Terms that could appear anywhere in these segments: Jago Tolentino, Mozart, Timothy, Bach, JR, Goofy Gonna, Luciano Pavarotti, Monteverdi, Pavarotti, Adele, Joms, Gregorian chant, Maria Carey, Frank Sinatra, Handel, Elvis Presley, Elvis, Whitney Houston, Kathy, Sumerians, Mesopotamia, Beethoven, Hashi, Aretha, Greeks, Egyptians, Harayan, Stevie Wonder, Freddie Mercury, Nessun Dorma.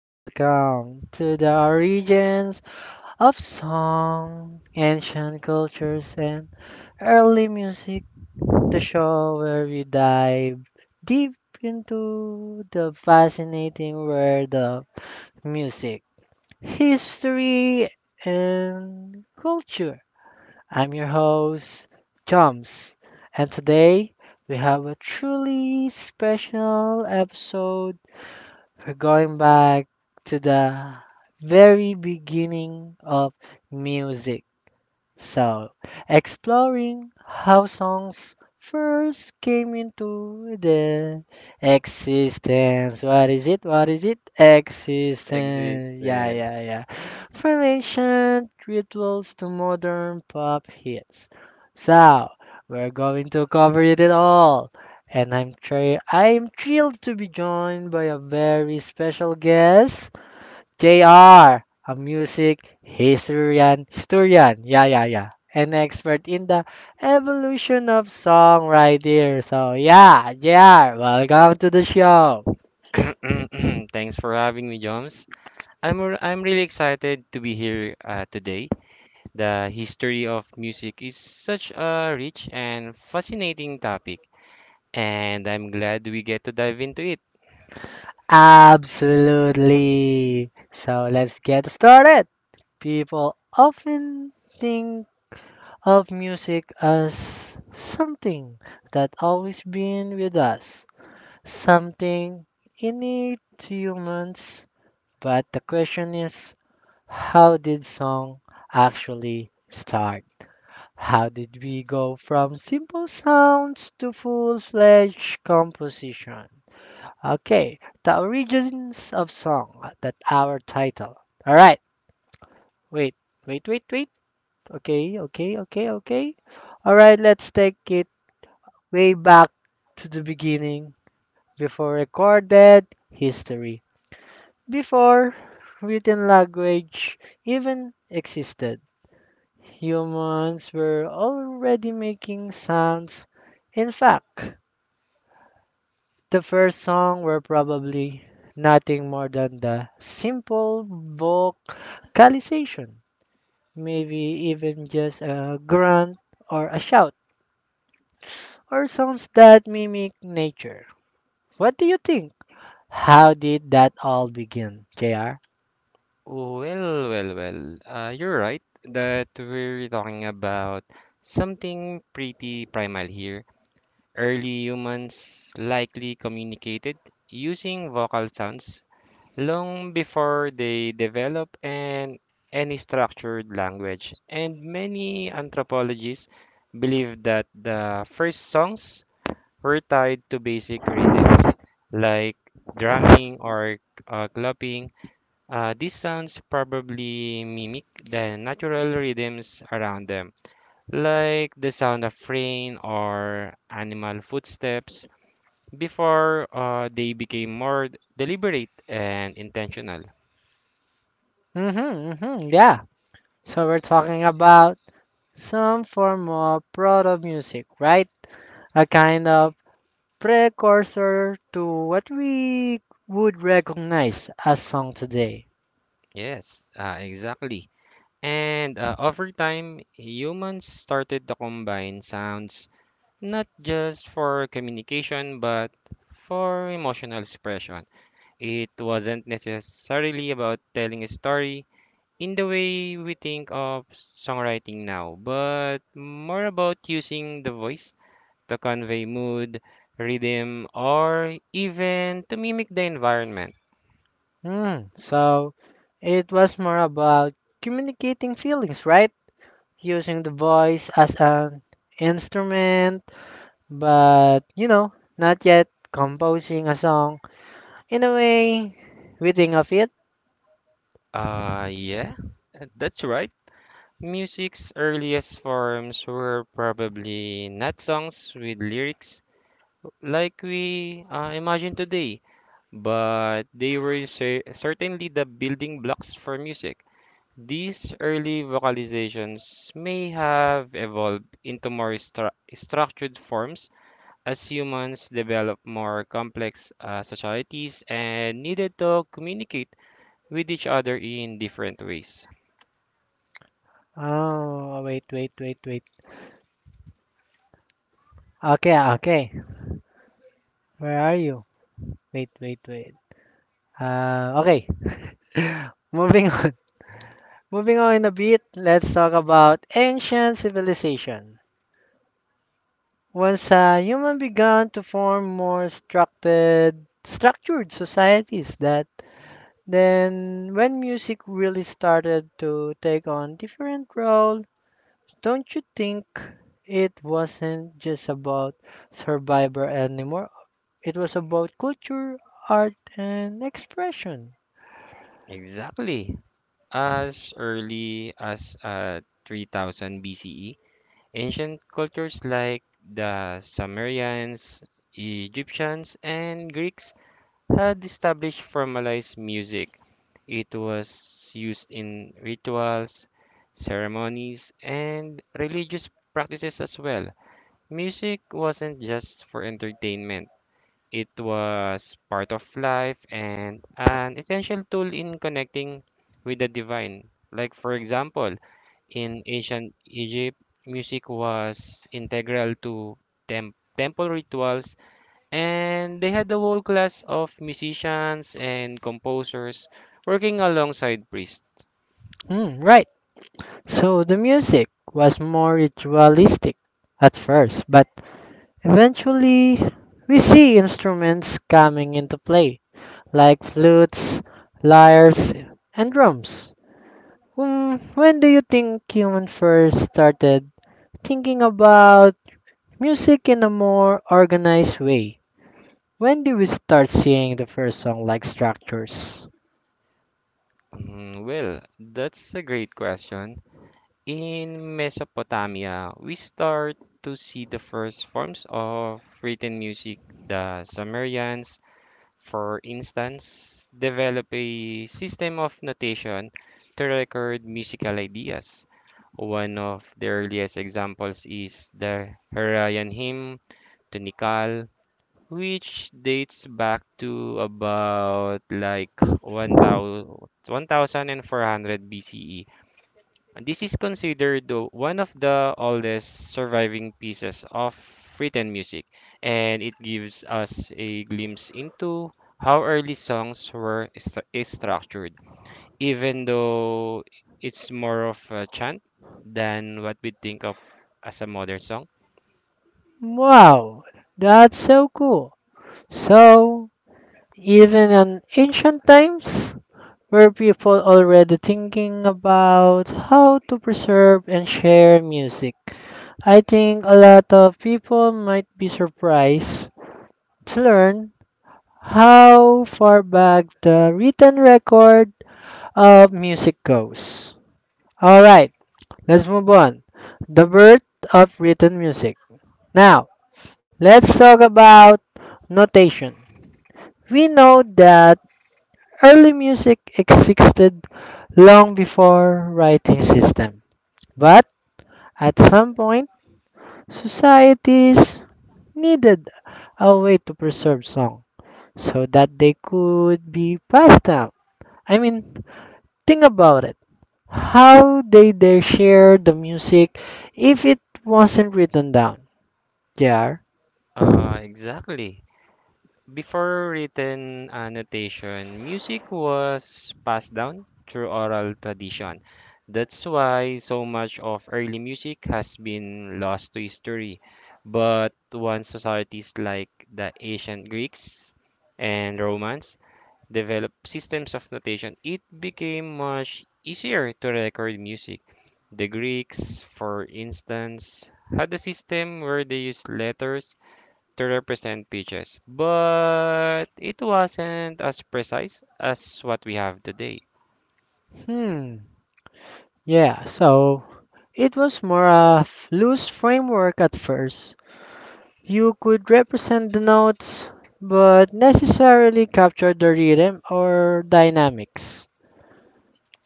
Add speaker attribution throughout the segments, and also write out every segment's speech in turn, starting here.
Speaker 1: welcome to the Origins of Song, Ancient Cultures, and Early Music, the show where we dive deep into the fascinating world of music, history, and culture. I'm your host, Joms, and today we have a truly special episode. We're going back to the very beginning of music. So, Exploring how songs first came into the existence. What is it? What is it? Existence. Yeah,
Speaker 2: Existence.
Speaker 1: yeah, yeah. From ancient rituals to modern pop hits. So, we're going to cover it all. And I'm thrilled to be joined by a very special guest. JR, a music historian, yeah, yeah, yeah, an expert in the evolution of songwriting. So, yeah, JR, welcome to the show.
Speaker 2: Thanks for having me, Joms. I'm really excited to be here today. The history of music is such a rich and fascinating topic, and I'm glad we get to dive into it.
Speaker 1: Absolutely. So let's get started. People often think of music as something that always been with us, something innate to humans. But the question is, how did song actually start? How did we go from simple sounds to full-fledged composition? Okay, the origins of song. That our title. All right. Wait, wait, wait, wait. Okay, okay, okay, okay. All right, let's take it way back to the beginning, before recorded history. Before written language even existed. Humans were already making sounds. In fact, the first song were probably nothing more than the simple vocalization, maybe even just a grunt or a shout, or sounds that mimic nature. What do you think? How did that all begin, JR?
Speaker 2: Well, well, well. You're right that we're talking about something pretty primal here. Early humans likely communicated using vocal sounds long before they develop an any structured language. And many anthropologists believe that the first songs were tied to basic rhythms like drumming or clapping. These sounds probably mimic the natural rhythms around them, like the sound of rain or animal footsteps, before they became more deliberate and intentional.
Speaker 1: Mm-hmm, mm-hmm, yeah. So we're talking about some form of proto music, right? A kind of precursor to what we would recognize as song today.
Speaker 2: Yes, exactly. And over time, humans started to combine sounds not just for communication but for emotional expression. It wasn't necessarily about telling a story in the way we think of songwriting now, but more about using the voice to convey mood, rhythm, or even to mimic the environment.
Speaker 1: Mm, so it was more about communicating feelings, right? Using the voice as an instrument, but you know, not yet composing a song. In a way, we think of it.
Speaker 2: Yeah, that's right. Music's earliest forms were probably not songs with lyrics like we imagine today, but they were certainly the building blocks for music. These early vocalizations may have evolved into more structured forms as humans developed more complex societies and needed to communicate with each other in different ways.
Speaker 1: Oh, wait, wait, wait, wait. Okay, okay. Where are you? Wait, wait, wait. Okay. Moving on. Moving on in a bit, let's talk about ancient civilization. Once human began to form more structured, societies, that then when music really started to take on different role, don't you think? It wasn't just about survivor anymore. It was about culture, art, and expression.
Speaker 2: Exactly. As early as 3000 BCE, ancient cultures like the Sumerians, Egyptians, and Greeks had established formalized music. It was used in rituals, ceremonies, and religious practices as well. Music wasn't just for entertainment, it was part of life and an essential tool in connecting with the divine. Like, for example, in ancient Egypt, music was integral to temple rituals, and they had a whole class of musicians and composers working alongside priests.
Speaker 1: Hmm, right. So the music was more ritualistic at first, but eventually, we see instruments coming into play, like flutes, lyres, and drums. Hmm, when do you think humans first started thinking about music in a more organized way? When do we start seeing the first song like structures?
Speaker 2: Well, that's a great question. In Mesopotamia, we start to see the first forms of written music. The Sumerians, for instance, developed a system of notation to record musical ideas. One of the earliest examples is the Harayan hymn to Nikal, which dates back to about like 1000 1400 BCE. And this is considered one of the oldest surviving pieces of written music, and it gives us a glimpse into how early songs were is structured, even though it's more of a chant than what we think of as a modern song.
Speaker 1: Wow, that's so cool. So, even in ancient times, were people already thinking about how to preserve and share music? I think a lot of people might be surprised to learn how far back the written record of music goes. All right, let's move on. The birth of written music. Now, let's talk about notation. We know that early music existed long before writing system, but at some point, societies needed a way to preserve song so that they could be passed down. I mean, think about it. How did they share the music if it wasn't written down? Yeah.
Speaker 2: Exactly. Before written notation, music was passed down through oral tradition. That's why so much of early music has been lost to history. But once societies like the ancient Greeks and Romans developed systems of notation, it became much easier to record music. The Greeks, for instance, had a system where they used letters to represent beaches, but it wasn't as precise as what we have today.
Speaker 1: Hmm, yeah, so it was more a loose framework at first. You could represent the notes, but necessarily capture the rhythm or dynamics.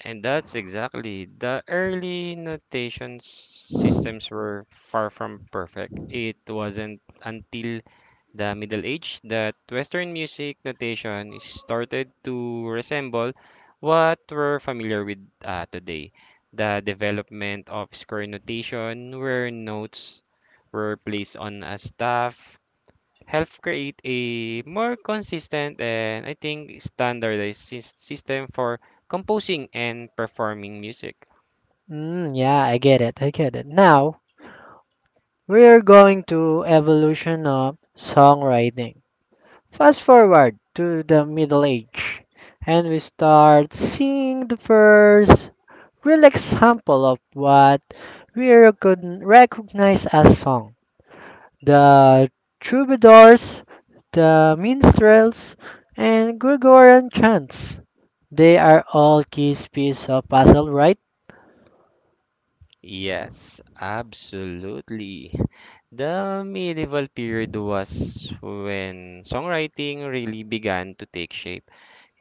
Speaker 2: And that's exactly the early notation systems were far from perfect. It wasn't until the Middle Age that Western music notation started to resemble what we're familiar with today. The development of square notation, where notes were placed on a staff help create a more consistent and I think standardized system for composing and performing music.
Speaker 1: Mm, yeah, I get it. Now, we are going to evolution of songwriting. Fast forward to the Middle Age, and we start seeing the first real example of what we could recognize as song. The troubadours, the minstrels, and Gregorian chants. They are all key pieces of puzzle, right?
Speaker 2: Yes, absolutely. The medieval period was when songwriting really began to take shape.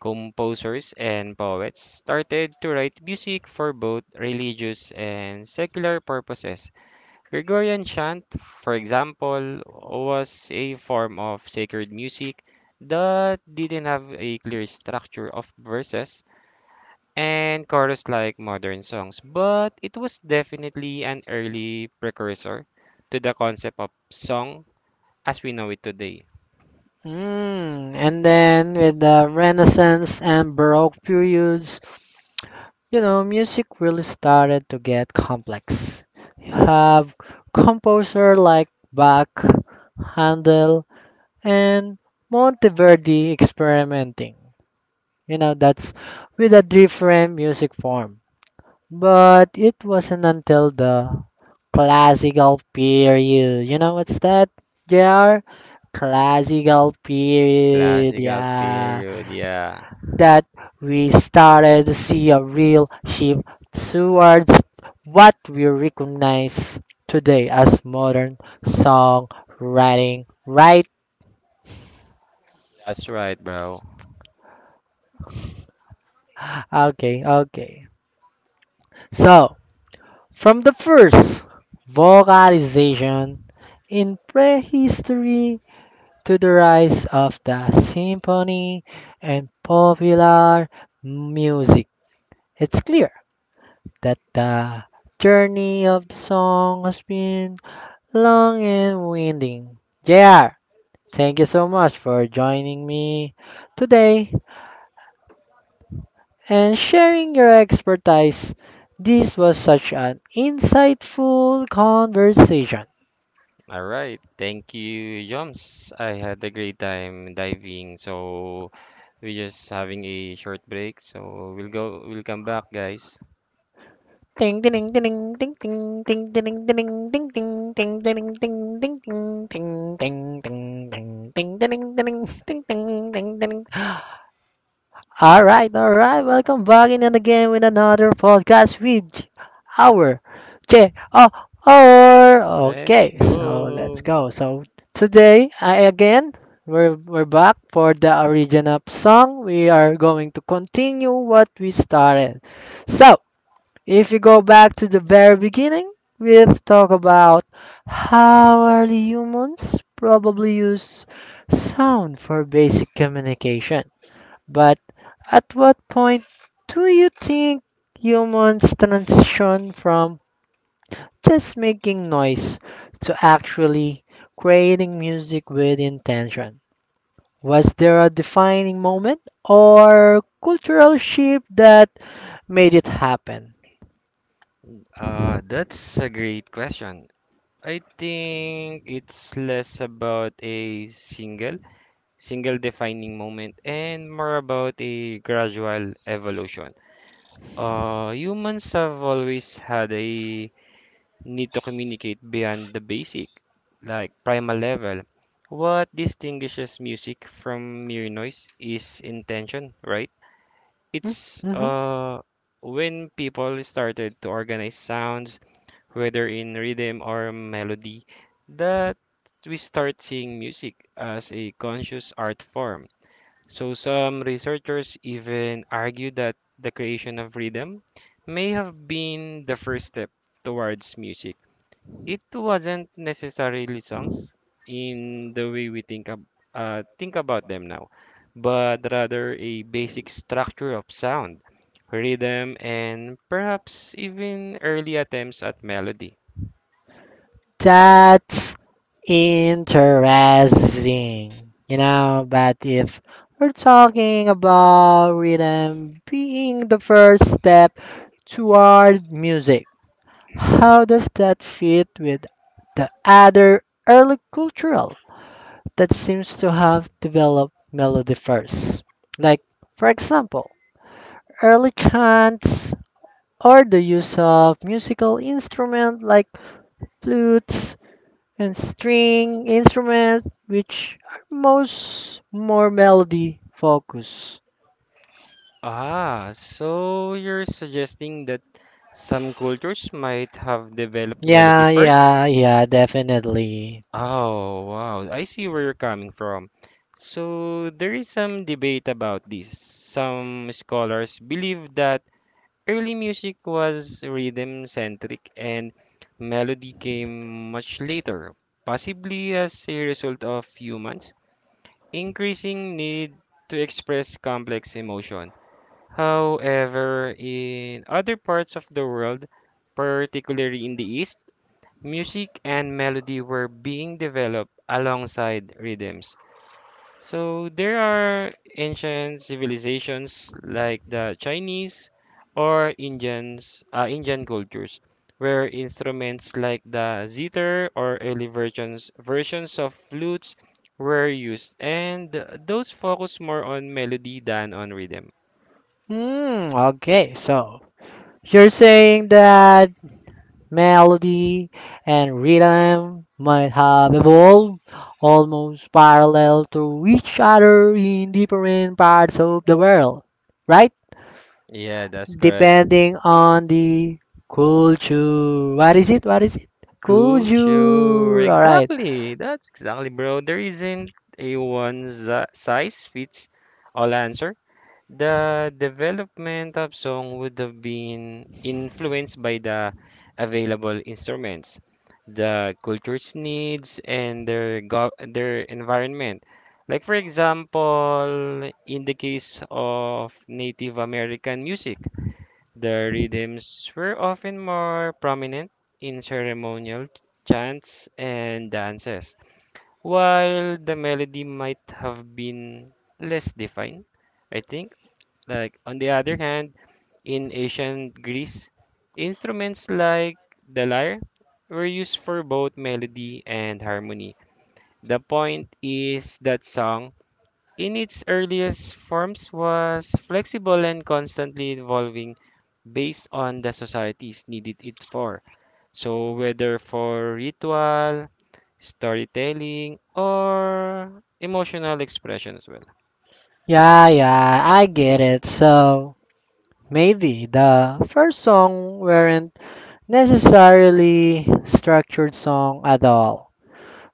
Speaker 2: Composers and poets started to write music for both religious and secular purposes. Gregorian chant, for example, was a form of sacred music that didn't have a clear structure of verses and chorus like modern songs, but it was definitely an early precursor to the concept of song as we know it today.
Speaker 1: Mm, and then with the Renaissance and Baroque periods, you know, music really started to get complex. You have composer like Bach, Handel, and Monteverdi experimenting. You know, that's with a different music form. But it wasn't until the classical period. You know what's that? JR? Classical period,
Speaker 2: Classical
Speaker 1: yeah.
Speaker 2: period, yeah.
Speaker 1: That we started to see a real shift towards what we recognize today as modern songwriting, right?
Speaker 2: That's right, bro.
Speaker 1: Okay, okay. So from the first vocalization in prehistory to the rise of the symphony and popular music, it's clear that the journey of the song has been
Speaker 2: All right. Thank you, Joms. I had a great time diving. So we're just having a short break. So we'll go, we'll come back, guys.
Speaker 1: all right, all right. Welcome back in and again with another podcast with J- our J O R.
Speaker 2: Let's
Speaker 1: Okay, so let's
Speaker 2: go.
Speaker 1: go. So today, I again we're back for the origin of song. We are going to continue what we started. So if you go back to the very beginning, we've talked about how early humans probably use sound for basic communication. But at what point do you think humans transition from just making noise to actually creating music with intention? Was there a defining moment or cultural shift that made it happen?
Speaker 2: That's a great question. I think it's less about a single defining moment and more about a gradual evolution. Humans have always had a need to communicate beyond the basic, like primal level. What distinguishes music from mere noise is intention, right?
Speaker 1: Mm,
Speaker 2: It's
Speaker 1: mhm.
Speaker 2: When people started to organize sounds, whether in rhythm or melody, that we start seeing music as a conscious art form. So some researchers even argue that the creation of rhythm may have been the first step towards music. It wasn't necessarily songs in the way we think ab think about them now, but rather a basic structure of sound, rhythm, and perhaps even early attempts at melody.
Speaker 1: That's interesting, you know. But if we're talking about rhythm being the first step toward music, how does that fit with the other early cultural that seems to have developed melody first? Like, for example, early chants or the use of musical instruments like flutes and string instrument, which are most more melody focus.
Speaker 2: Ah, so you're suggesting that some cultures might have developed melody
Speaker 1: Yeah,
Speaker 2: first?
Speaker 1: yeah, yeah, definitely.
Speaker 2: Oh, wow. I see where you're coming from. So there is some debate about this. Some scholars believe that early music was rhythm centric and melody came much later, possibly as a result of humans' increasing need to express complex emotion. However, in other parts of the world, particularly in the East, music and melody were being developed alongside rhythms. So there are ancient civilizations like the Chinese or Indian cultures, where instruments like the zither or early versions of flutes were used, and those focus more on melody than on rhythm.
Speaker 1: Hmm, okay, so you're saying that melody and rhythm might have evolved almost parallel to each other in different parts of the world, right?
Speaker 2: Yeah, that's correct.
Speaker 1: Depending on the culture. What is it? What is it?
Speaker 2: Culture,
Speaker 1: Culture. All right.
Speaker 2: exactly. That's exactly, bro. There isn't a one size fits all answer. The development of song would have been influenced by the available instruments, the culture's needs, and their environment. Like for example, in the case of Native American music, the rhythms were often more prominent in ceremonial chants and dances, while the melody might have been less defined. I think like on the other hand, in ancient Greece, instruments like the lyre were used for both melody and harmony. The point is that song, in its earliest forms, was flexible and constantly evolving based on the societies needed it for. So whether for ritual, storytelling, or emotional expression as well.
Speaker 1: Yeah, yeah, I get it. So maybe the first song weren't necessarily structured song at all,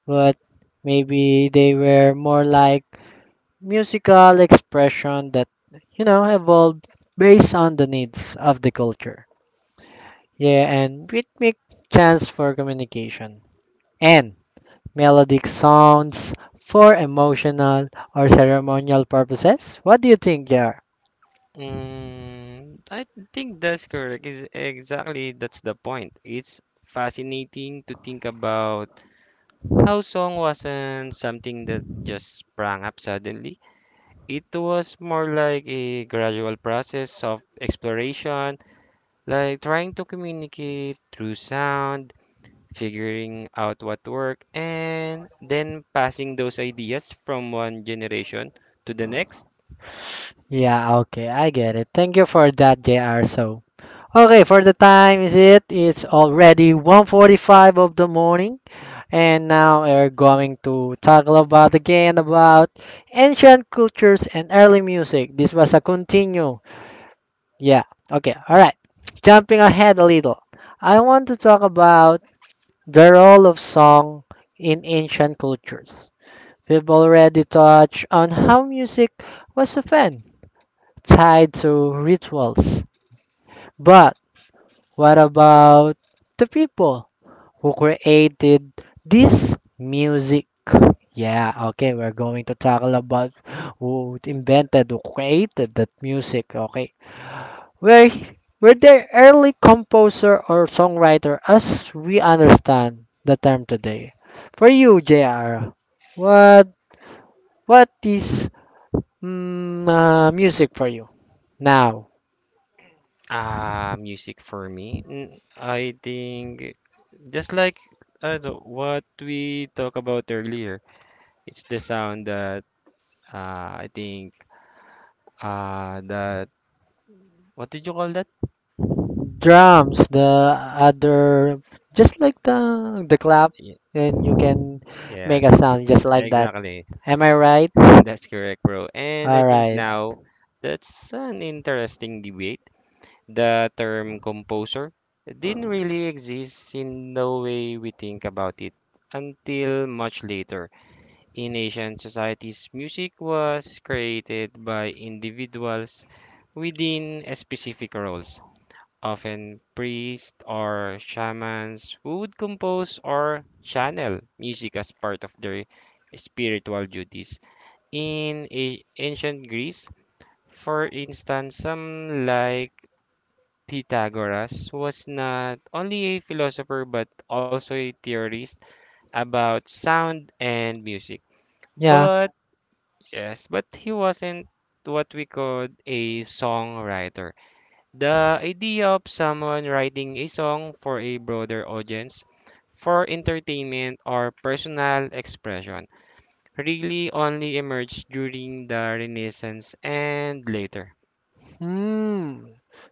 Speaker 1: but maybe they were more like musical expression that you know evolved based on the needs of the culture. Yeah, and rhythmic chance for communication and melodic sounds for emotional or ceremonial purposes. What do you think, Jar?
Speaker 2: Mm, I think that's correct. Is exactly that's the point. It's fascinating to think about how song wasn't something that just sprang up suddenly. It was more like a gradual process of exploration, like trying to communicate through sound, figuring out what worked, and then passing those ideas from one generation to the next.
Speaker 1: Yeah, okay, I get it. Thank you for that, JR. So, okay, for the time is it? It's already 1:45 of the morning, and now we're going to talk about again about ancient cultures and early music. This was a continue. Yeah, okay, all right. Jumping ahead a little, I want to talk about the role of song in ancient cultures. We've already touched on how music was often tied to rituals. But what about the people who created this music? Yeah, okay, we're going to tackle about who invented, who created that music, okay? Were, were they early composer or songwriter as we understand the term today? For you, JR, what what is music for you now?
Speaker 2: Ah, music for me. I think. Just like what we talked about earlier, it's the sound that I think that what did you call that?
Speaker 1: Drums, the other, just like the clap,
Speaker 2: Ye-
Speaker 1: and you can
Speaker 2: Yeah,
Speaker 1: make a sound just like that.
Speaker 2: exactly.
Speaker 1: Am I right?
Speaker 2: That's correct, bro. And I
Speaker 1: All
Speaker 2: think
Speaker 1: right.
Speaker 2: now that's an interesting debate. The term composer didn't really exist in the way we think about it until much later. In Asian societies, music was created by individuals within specific roles, often priests or shamans who would compose or channel music as part of their spiritual duties. In ancient Greece, for instance, some like Pythagoras was not only a philosopher but also a theorist about sound and music.
Speaker 1: Yeah.
Speaker 2: But yes, but he wasn't what we called a songwriter. The idea of someone writing a song for a broader audience, for entertainment or personal expression, really only emerged during the Renaissance and later.
Speaker 1: Hmm.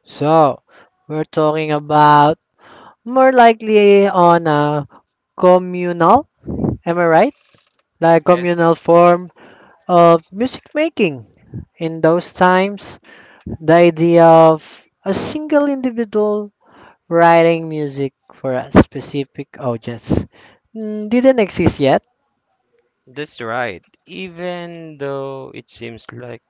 Speaker 1: So we're talking about more likely on a communal. Am I right? Like
Speaker 2: Yes,
Speaker 1: communal form of music making. In those times, the idea of a single individual writing music for a specific audience didn't exist yet.
Speaker 2: that's right. Even though it seems like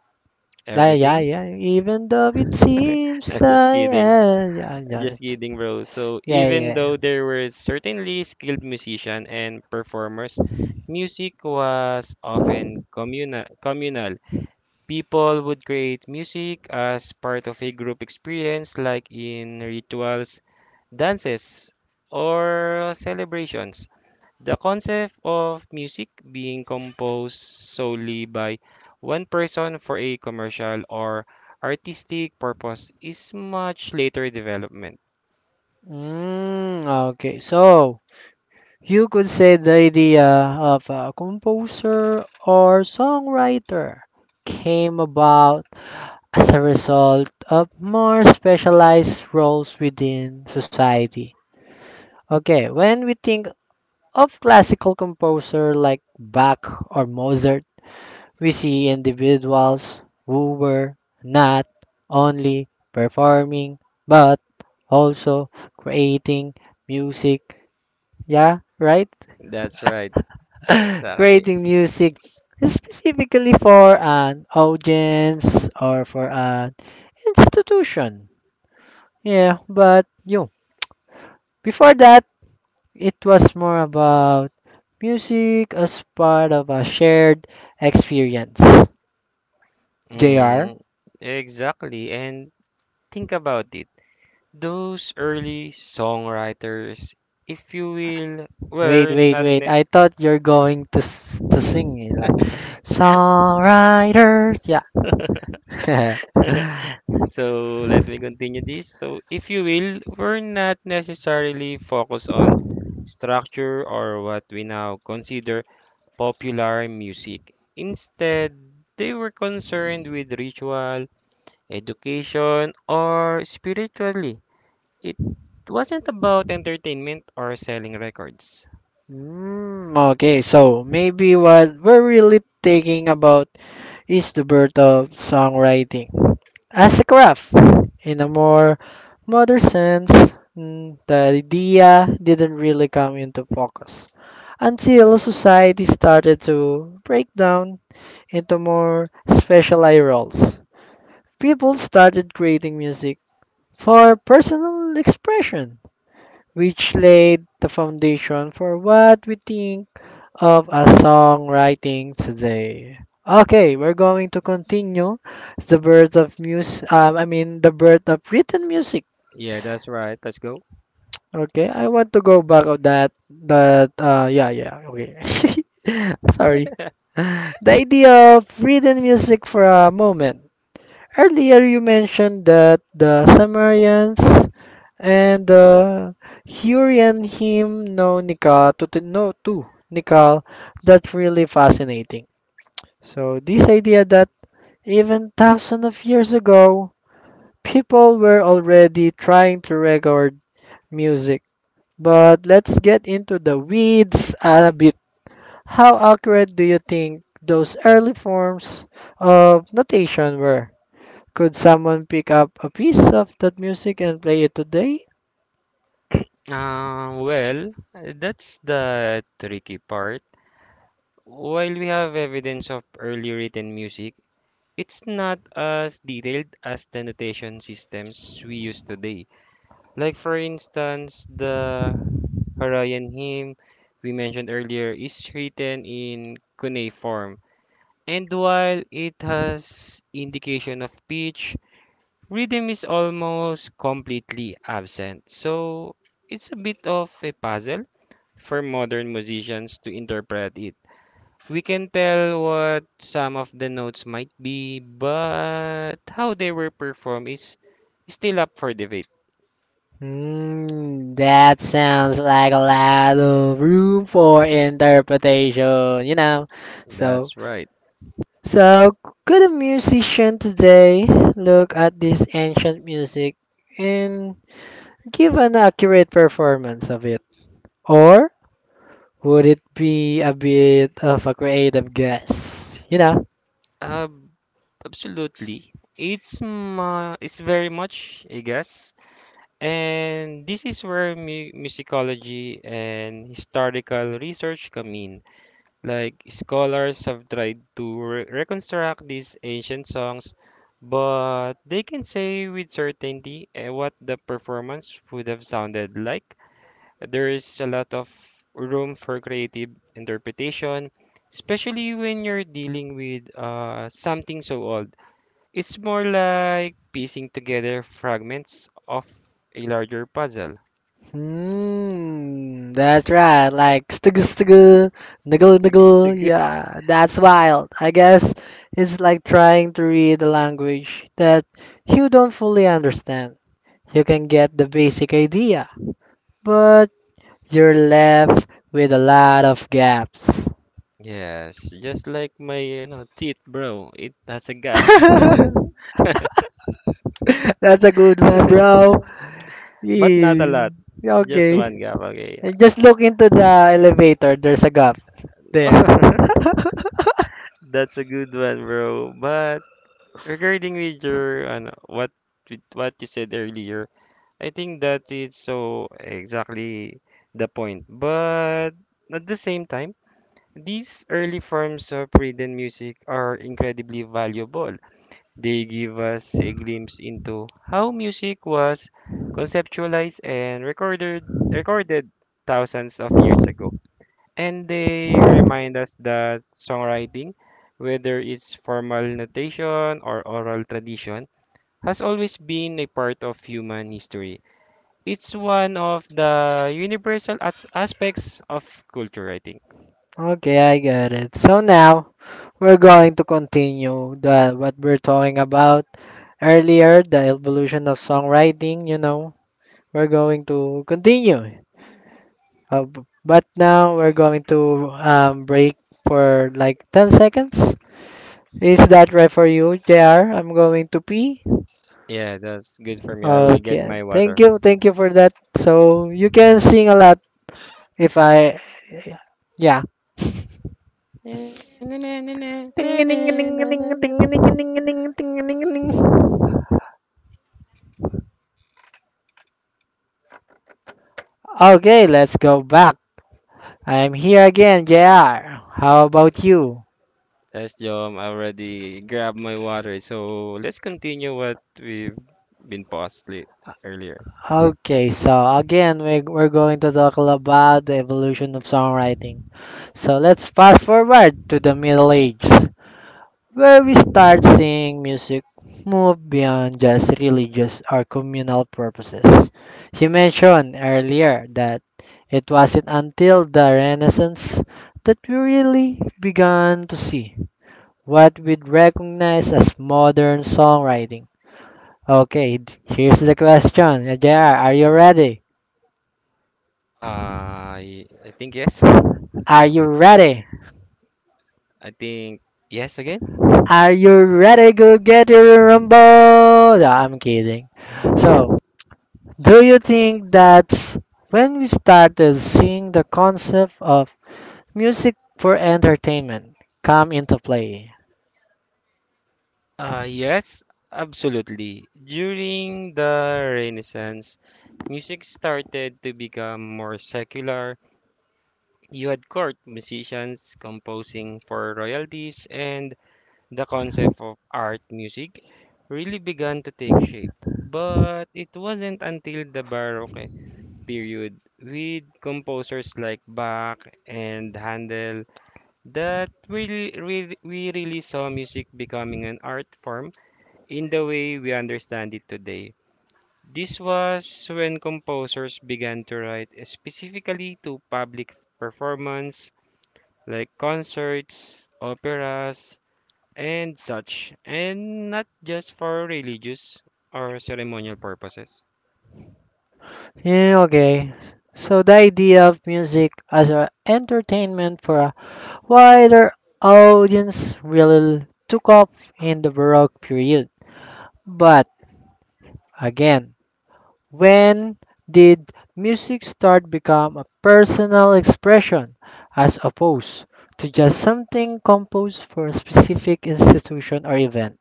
Speaker 1: Yeah, yeah,
Speaker 2: everything,
Speaker 1: yeah. Even though it seems
Speaker 2: I'm just
Speaker 1: I
Speaker 2: kidding.
Speaker 1: am.
Speaker 2: Just kidding, bro. So
Speaker 1: Yeah. Yeah.
Speaker 2: even
Speaker 1: Yeah.
Speaker 2: though there were certainly skilled musicians and performers, music was often communal. People would create music as part of a group experience, like in rituals, dances, or celebrations. The concept of music being composed solely by one person for a commercial or artistic purpose is much later development.
Speaker 1: Mm, okay, so you could say the idea of a composer or songwriter came about as a result of more specialized roles within society. Okay, when we think of classical composer like Bach or Mozart, we see individuals who were not only performing but also creating music. Yeah, right?
Speaker 2: That's right. Exactly.
Speaker 1: Creating music specifically for an audience or for an institution. Yeah, but you know, before that, it was more about music as part of a shared experience. J R,
Speaker 2: Mm, exactly. And think about it. Those early songwriters, if you will,
Speaker 1: wait,
Speaker 2: were
Speaker 1: wait,
Speaker 2: not
Speaker 1: wait.
Speaker 2: ne-
Speaker 1: I thought you're going to to sing it like songwriters. Yeah.
Speaker 2: so let me continue this. So if you will, were not necessarily focused on structure or what we now consider popular music. Instead, they were concerned with ritual, education, or spirituality. It wasn't about entertainment or selling records.
Speaker 1: Mm, okay, so maybe what we're really thinking about is the birth of songwriting as a craft in a more modern sense. Mm, the idea didn't really come into focus until society started to break down into more specialized roles people started creating music for personal expression, which laid the foundation for what we think of as songwriting today. Okay, we're going to continue the birth of mus I mean the birth of written music.
Speaker 2: Yeah, that's right. Let's go.
Speaker 1: Okay, I want to go back of that okay. Sorry. The idea of written music for a moment. Earlier you mentioned that the Sumerians and Yuri and him know Nikal to know too Nikal. That's really fascinating. So this idea that even thousands of years ago, people were already trying to record music. But let's get into the weeds a bit. How accurate do you think those early forms of notation were? Could someone pick up a piece of that music and play it today?
Speaker 2: Well, that's the tricky part. While we have evidence of early written music, it's not as detailed as the notation systems we use today. Like, for instance, the Harayan hymn we mentioned earlier is written in cuneiform. And while it has indication of pitch, rhythm is almost completely absent, so it's a bit of a puzzle for modern musicians to interpret it. We can tell what some of the notes might be, but how they were performed is still up for debate.
Speaker 1: Mm, that sounds like a lot of room for interpretation, you know. So,
Speaker 2: That's right.
Speaker 1: so could a musician today look at this ancient music and give an accurate performance of it? Or would it be a bit of a creative guess? You know?
Speaker 2: Ab- Absolutely. It's very much, I guess. And this is where musicology and historical research come in. Like scholars have tried to reconstruct these ancient songs, but they can say with certainty what the performance would have sounded like. There is a lot of room for creative interpretation, especially when you're dealing with something so old. It's more like piecing together fragments of a larger puzzle.
Speaker 1: Hmm, that's right. Like stuggle,
Speaker 2: Stick,
Speaker 1: niggle.
Speaker 2: stick.
Speaker 1: Yeah, that's wild. I guess it's like trying to read a language that you don't fully understand. You can get the basic idea, but you're left with a lot of gaps.
Speaker 2: Yes, just like my teeth, bro. It has a gap.
Speaker 1: That's a good one, bro.
Speaker 2: But not a
Speaker 1: Yeah,
Speaker 2: lot. Just
Speaker 1: okay.
Speaker 2: one gap, okay.
Speaker 1: Just look into the elevator. There's a gap there.
Speaker 2: That's a good one, bro. But regarding with your ano, what with what you said earlier, I think that is so exactly the point. But at the same time, these early forms of rhythm music are incredibly valuable. They give us a glimpse into how music was conceptualized and recorded thousands of years ago. And they remind us that songwriting, whether it's formal notation or oral tradition, has always been a part of human history. It's one of the universal aspects of culture, I think.
Speaker 1: Okay, I got it. So now, we're going to continue the what we're talking about earlier, the evolution of songwriting. We're going to continue. But now we're going to break for like 10 seconds. Is that right for you, JR? I'm going to pee.
Speaker 2: Yeah, that's good for me. I will get
Speaker 1: Okay.
Speaker 2: my
Speaker 1: Thank
Speaker 2: water.
Speaker 1: you. Thank you for that. So you can sing a lot if I yeah. Okay, let's go back. I'm here again, JR. How about you?
Speaker 2: Yes, Jom, I already grabbed my water. So let's continue what we've been paused late earlier.
Speaker 1: Okay, so again, we're going to talk about the evolution of songwriting. So let's fast forward to the Middle Ages, where we start seeing music move beyond just religious or communal purposes. You mentioned earlier that it wasn't until the Renaissance that we really began to see what we'd recognize as modern songwriting. Okay, here's the question. JR, are you ready?
Speaker 2: Uh, I think yes.
Speaker 1: Are you ready?
Speaker 2: I think yes again.
Speaker 1: Are you ready? Go get your rumble! No, I'm kidding. So, do you think that's when we started seeing the concept of music for entertainment come into play?
Speaker 2: Yes, absolutely. During the Renaissance, music started to become more secular. You had court musicians composing for royalties, and the concept of art music really began to take shape. But it wasn't until the Baroque period, with composers like Bach and Handel, that we really saw music becoming an art form in the way we understand it today. This was when composers began to write specifically to public performance, like concerts, operas, and such, and not just for religious or ceremonial purposes.
Speaker 1: Yeah, okay. So, the idea of music as an entertainment for a wider audience really took off in the Baroque period. But again, when did music start become a personal expression as opposed to just something composed for a specific institution or event?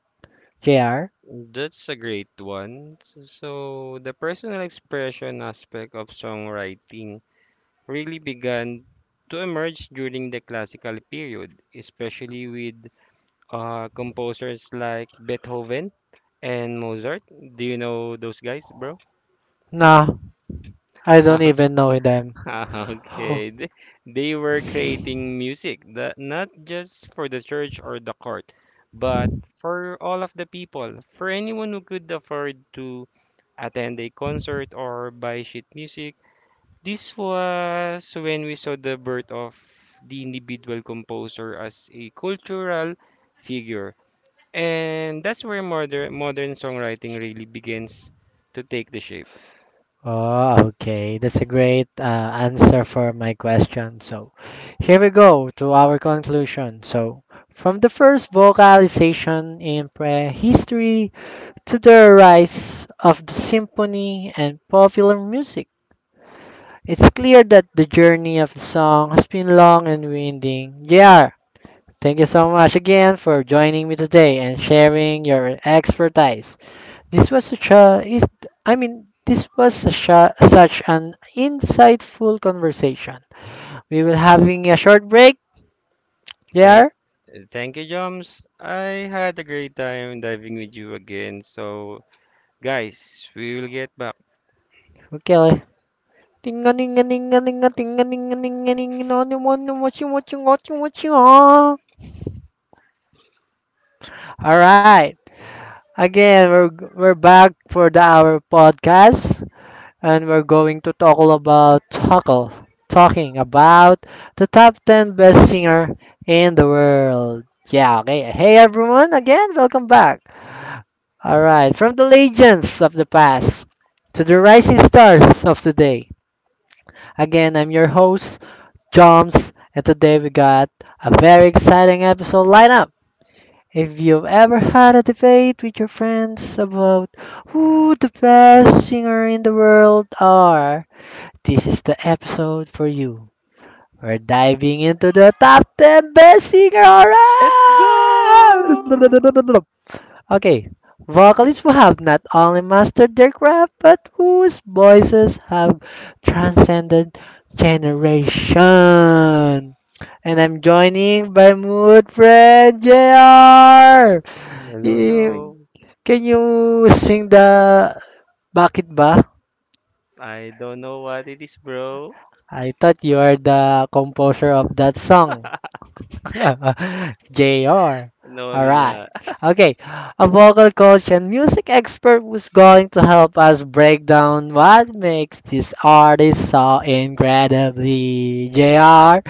Speaker 1: JR?
Speaker 2: That's a great one. So, the personal expression aspect of songwriting really began to emerge during the classical period, especially with composers like Beethoven and Mozart. Do you know those guys, bro?
Speaker 1: No, I don't even know them.
Speaker 2: Okay, they were creating music that not just for the church or the court, but for all of the people, for anyone who could afford to attend a concert or buy sheet music. This was when we saw the birth of the individual composer as a cultural figure. And that's where modern songwriting really begins to take the shape.
Speaker 1: Oh, okay. That's a great answer for my question. So, here we go to our conclusion. So, from the first vocalization in prehistory to the rise of the symphony and popular music. It's clear that the journey of the song has been long and winding. JR, thank you so much again for joining me today and sharing your expertise. This was such a, is- I mean, this was such an insightful conversation. We will having a short break,
Speaker 2: Thank
Speaker 1: JR.
Speaker 2: thank you, Joms. I had a great time diving with you again. So guys, we will get back.
Speaker 1: Okay. Tinga ninga ninga ninga tinga ninga ninga ninga no no no what you what you what you what you all right. Again, we're back for the our podcast, and we're going to talk all about Tuckle, talking about the top ten best singer in the world. Yeah, okay. Hey everyone, again, welcome back. All right, from the legends of the past to the rising stars of today. Again, I'm your host, Joms, and today we got a very exciting episode lineup. If you've ever had a debate with your friends about who the best singer in the world are, this is the episode for you. We're diving into the top 10 best singer around!
Speaker 2: Let's go!
Speaker 1: Okay, vocalists who have not only mastered their craft but whose voices have transcended generation. And I'm joining by mood friend JR.
Speaker 2: Hello,
Speaker 1: You,
Speaker 2: hello.
Speaker 1: can you sing the Bakit Ba?
Speaker 2: I don't know what it is, bro.
Speaker 1: I thought you are the composer of that song. JR.
Speaker 2: No, I'm
Speaker 1: Alright.
Speaker 2: not.
Speaker 1: Okay, a vocal coach and music expert who's going to help us break down what makes this artist so incredibly. JR,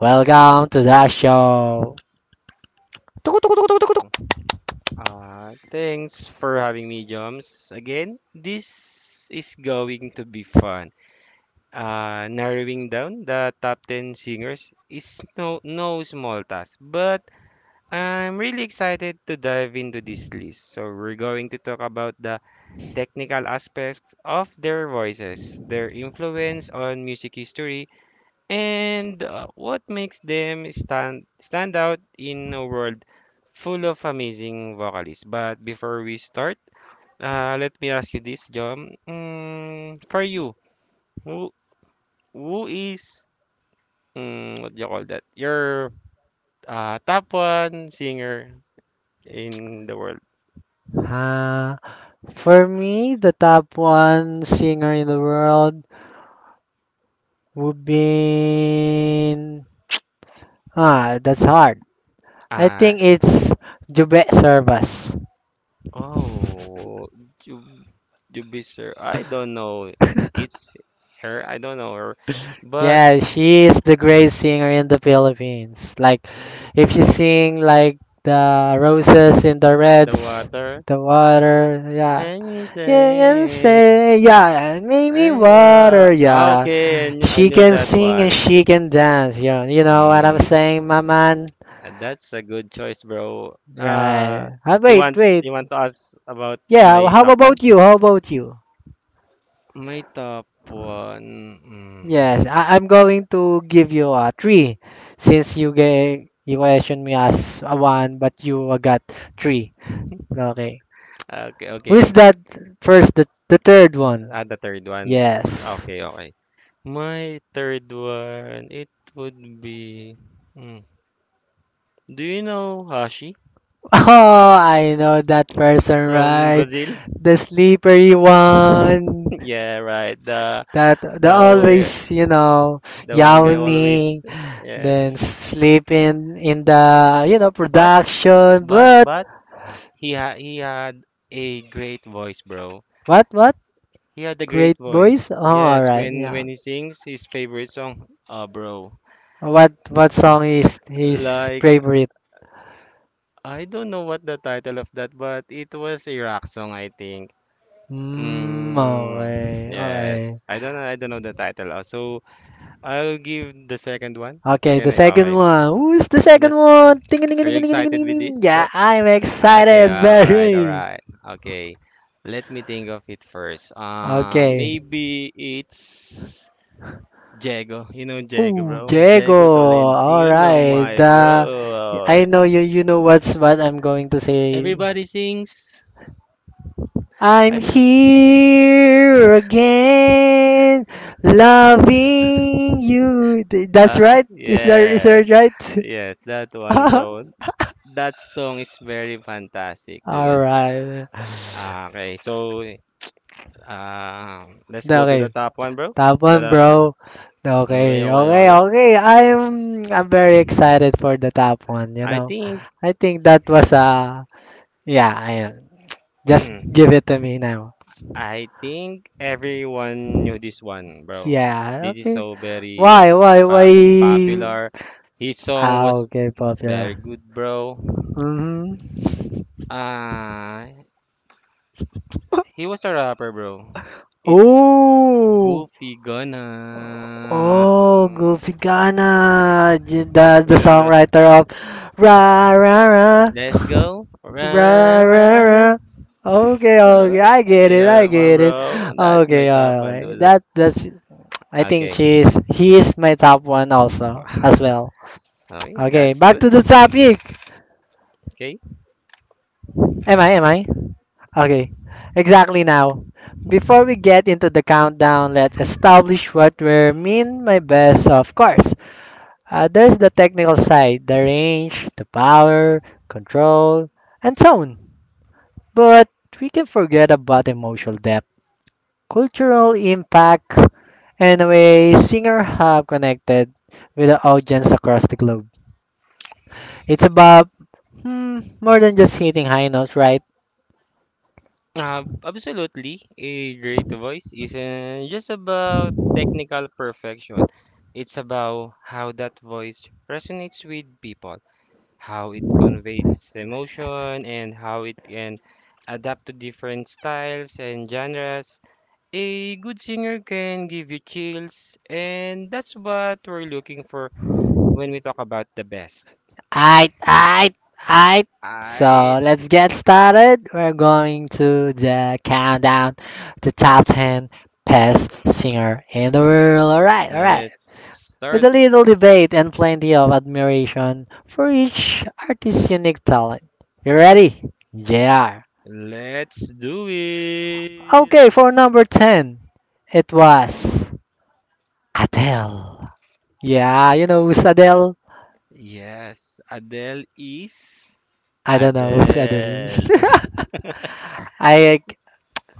Speaker 1: welcome to the show.
Speaker 2: Thanks for having me, Joms. Again, this is going to be fun. Narrowing down the top 10 singers is no, no small task, but I'm really excited to dive into this list. So, we're going to talk about the technical aspects of their voices, their influence on music history, and what makes them stand out in a world full of amazing vocalists. But before we start, let me ask you this, John. For you, who who is mm, what do you call that? Your top one singer in the world.
Speaker 1: Uh, for me, the top one singer in the world would been ah, that's hard. I
Speaker 2: Uh,
Speaker 1: think it's Jube Servas.
Speaker 2: oh, you Jubi sir. I don't know. It's her. I don't know her. But
Speaker 1: Yeah, she is the great singer in the Philippines. Like, if you sing like the roses in the
Speaker 2: the
Speaker 1: reds,
Speaker 2: water.
Speaker 1: the water, yeah.
Speaker 2: Let me
Speaker 1: Yeah, yeah,
Speaker 2: say,
Speaker 1: say, yeah, and make me
Speaker 2: I wa
Speaker 1: water, yeah.
Speaker 2: okay, I knew I
Speaker 1: She
Speaker 2: knew
Speaker 1: can
Speaker 2: that
Speaker 1: sing and
Speaker 2: one.
Speaker 1: she can dance, yeah. You know what I'm
Speaker 2: Mm,
Speaker 1: saying, my man?
Speaker 2: uh, that's a good choice, bro.
Speaker 1: Right. Ah,
Speaker 2: You
Speaker 1: wait,
Speaker 2: want
Speaker 1: wait.
Speaker 2: you want to ask about
Speaker 1: Yeah,
Speaker 2: my
Speaker 1: how
Speaker 2: top one?
Speaker 1: about you? How about you?
Speaker 2: My top one.
Speaker 1: Yes,
Speaker 2: Mm,
Speaker 1: I'm going to give you a three since you gave you questioned me as a one, but you got three. Okay.
Speaker 2: okay,
Speaker 1: Who's
Speaker 2: okay.
Speaker 1: that first? The third one.
Speaker 2: The third one.
Speaker 1: Yes.
Speaker 2: Okay, okay. My third one, it would be. Mm, do you know Hashi
Speaker 1: Oh, I know that person,
Speaker 2: from
Speaker 1: right?
Speaker 2: Brazil?
Speaker 1: The slippery one.
Speaker 2: Yeah, right. The
Speaker 1: That the
Speaker 2: the always.
Speaker 1: always, you know,
Speaker 2: The one guy always.
Speaker 1: yawning, then
Speaker 2: Yes.
Speaker 1: sleeping in the, you know,
Speaker 2: But
Speaker 1: production.
Speaker 2: but
Speaker 1: But
Speaker 2: but he ha he had a great voice, bro.
Speaker 1: what what?
Speaker 2: He had a great
Speaker 1: Great Boys? Oh,
Speaker 2: voice. Yes,
Speaker 1: alright,
Speaker 2: when
Speaker 1: yeah.
Speaker 2: when he sings his favorite song, bro.
Speaker 1: What song is his
Speaker 2: Like,
Speaker 1: favorite?
Speaker 2: I don't know what the title of that, but it was a rock song, I think.
Speaker 1: Mm,
Speaker 2: Mm,
Speaker 1: okay,
Speaker 2: yes.
Speaker 1: okay.
Speaker 2: I don't know. I don't know the title. So I'll give the second one.
Speaker 1: Okay, the
Speaker 2: Can I?
Speaker 1: second
Speaker 2: Okay.
Speaker 1: one. Who's the second
Speaker 2: That's,
Speaker 1: one? Ding ding ding
Speaker 2: are you
Speaker 1: ding ding ding
Speaker 2: excited
Speaker 1: ding.
Speaker 2: with this,
Speaker 1: Ding. Yeah,
Speaker 2: bro?
Speaker 1: I'm
Speaker 2: Okay,
Speaker 1: excited,
Speaker 2: well, all right, all
Speaker 1: very.
Speaker 2: right. Okay, let me think of it first.
Speaker 1: Okay.
Speaker 2: Maybe it's Jago. You know Jago,
Speaker 1: Oh,
Speaker 2: bro.
Speaker 1: Diego.
Speaker 2: Jago
Speaker 1: All
Speaker 2: Tolentino,
Speaker 1: right.
Speaker 2: my bro.
Speaker 1: I know you. You know what's what I'm going to say.
Speaker 2: Everybody sings.
Speaker 1: I'm
Speaker 2: I,
Speaker 1: here again, loving you. That's right. Is there is
Speaker 2: yes,
Speaker 1: that right?
Speaker 2: yes, that one, bro. That song is very fantastic,
Speaker 1: All
Speaker 2: dude.
Speaker 1: right.
Speaker 2: Okay, so uh, let's go to the
Speaker 1: Okay.
Speaker 2: top one, bro.
Speaker 1: Top
Speaker 2: The
Speaker 1: one,
Speaker 2: last one.
Speaker 1: bro.
Speaker 2: Okay,
Speaker 1: Okay.
Speaker 2: okay,
Speaker 1: Okay.
Speaker 2: okay.
Speaker 1: Okay. I'm very excited for the top one. You
Speaker 2: I
Speaker 1: know,
Speaker 2: think.
Speaker 1: I think that was yeah. I just give it to me now.
Speaker 2: I think everyone knew this one, bro.
Speaker 1: Yeah.
Speaker 2: This is
Speaker 1: Okay.
Speaker 2: so very
Speaker 1: Why? Why?
Speaker 2: pop
Speaker 1: Why?
Speaker 2: popular. His song
Speaker 1: Ah.
Speaker 2: was
Speaker 1: Okay.
Speaker 2: very good,
Speaker 1: Popular.
Speaker 2: bro.
Speaker 1: Mm-hmm.
Speaker 2: Ah, he was a rapper, bro. It's
Speaker 1: Oh,
Speaker 2: Goofy
Speaker 1: oh,
Speaker 2: Gonna.
Speaker 1: Goofy Gana, the
Speaker 2: You know the
Speaker 1: songwriter of Ra Ra Ra
Speaker 2: Let's Go.
Speaker 1: Ra
Speaker 2: Run,
Speaker 1: Ra
Speaker 2: run,
Speaker 1: Ra.
Speaker 2: run.
Speaker 1: Okay,
Speaker 2: Oh,
Speaker 1: okay, I get
Speaker 2: you
Speaker 1: it,
Speaker 2: know
Speaker 1: I
Speaker 2: that one,
Speaker 1: get it.
Speaker 2: bro. That's
Speaker 1: Okay,
Speaker 2: my top one,
Speaker 1: okay,
Speaker 2: dude.
Speaker 1: that that's. I think
Speaker 2: Okay.
Speaker 1: she's he is my top one also as well.
Speaker 2: Okay,
Speaker 1: Okay,
Speaker 2: that's
Speaker 1: back
Speaker 2: good.
Speaker 1: to the topic.
Speaker 2: Okay.
Speaker 1: Am I? Am I? Okay, exactly now. Before we get into the countdown, let's establish what we mean by best, of course. There's the technical side, the range, the power, control, and tone. But we can forget about emotional depth, cultural impact, and the way singer have connected with the audience across the globe. It's about more than just hitting high notes, right?
Speaker 2: Absolutely. A great voice isn't just about technical perfection. It's about how that voice resonates with people, how it conveys emotion, and how it can adapt to different styles and genres. A good singer can give you chills, and that's what we're looking for when we talk about the best.
Speaker 1: Aight, aight, aight. So
Speaker 2: Alright,
Speaker 1: let's get started. We're going to the countdown, the top 10 best singer in the world. All right, all right.
Speaker 2: let's
Speaker 1: With
Speaker 2: start.
Speaker 1: a little debate and plenty of admiration for each artist's unique talent. You ready? JR.
Speaker 2: Let's do it.
Speaker 1: Okay, for number 10, it was Adele. Yeah, you know who's Adele?
Speaker 2: Yes, Adele is
Speaker 1: I don't know who's Adele.
Speaker 2: Adele.
Speaker 1: I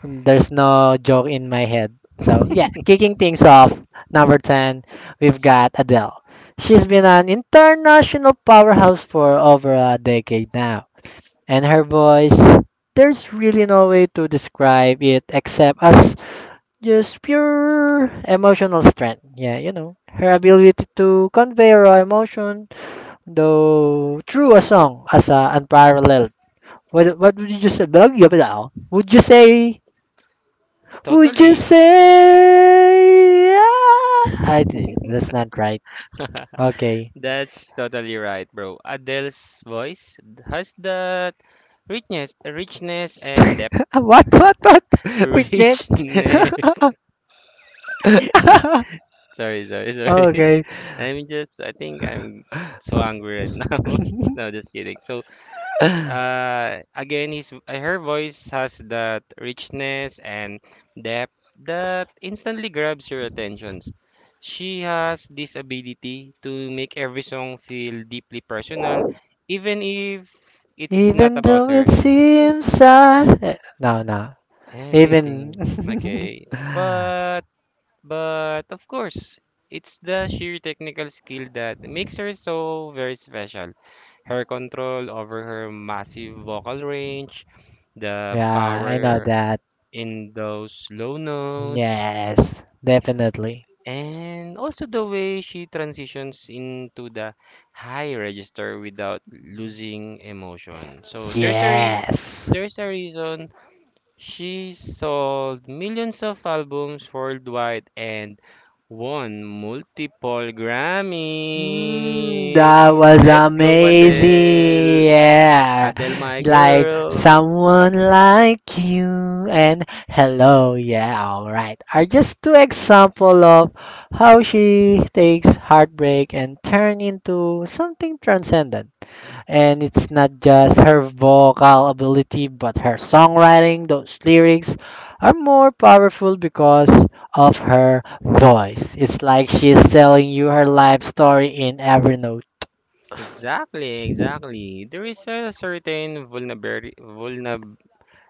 Speaker 1: there's no joke in my head. So yeah, kicking things off, number ten, we've got Adele. She's been an international powerhouse for over a decade now, and her voice. There's really no way to describe it except as just pure emotional strength. Yeah, you know, her ability to convey raw emotion, though through a song, as a unparalleled. What would you just say? Would you say? Would you
Speaker 2: Totally.
Speaker 1: say? I that's not right. Okay.
Speaker 2: That's totally right, bro. Adele's voice has that richness and depth.
Speaker 1: What what what? Which net?
Speaker 2: Richness. Sorry, sorry, sorry.
Speaker 1: okay.
Speaker 2: I'm just, I think I'm so angry right now. No, just kidding. So, Again, his her voice has that richness and depth that instantly grabs your attentions. She has this ability to make every song feel deeply personal, even if it's not
Speaker 1: Even
Speaker 2: about
Speaker 1: though it
Speaker 2: her.
Speaker 1: seems sad. Eh, no, no. Even.
Speaker 2: Everything, okay, but of course, it's the sheer technical skill that makes her so very special. Her control over her massive vocal range, the
Speaker 1: yeah, I know
Speaker 2: power
Speaker 1: that.
Speaker 2: in those low notes,
Speaker 1: Yes, definitely.
Speaker 2: and also the way she transitions into the high register without losing emotion. So there's a reason,
Speaker 1: Yes.
Speaker 2: there's a reason she sold millions of albums worldwide and won multiple
Speaker 1: Mm, that
Speaker 2: Grammys.
Speaker 1: was
Speaker 2: Let's go,
Speaker 1: amazing.
Speaker 2: Adele.
Speaker 1: Yeah.
Speaker 2: Adele, my
Speaker 1: Like
Speaker 2: girl.
Speaker 1: someone like you and hello. Yeah, all right. Are just two example of how she takes heartbreak and turn into something transcendent. And it's not just her vocal ability, but her songwriting. Those lyrics are more powerful because of her voice. It's like she's telling you her life story in every note.
Speaker 2: Exactly, exactly. There is a certain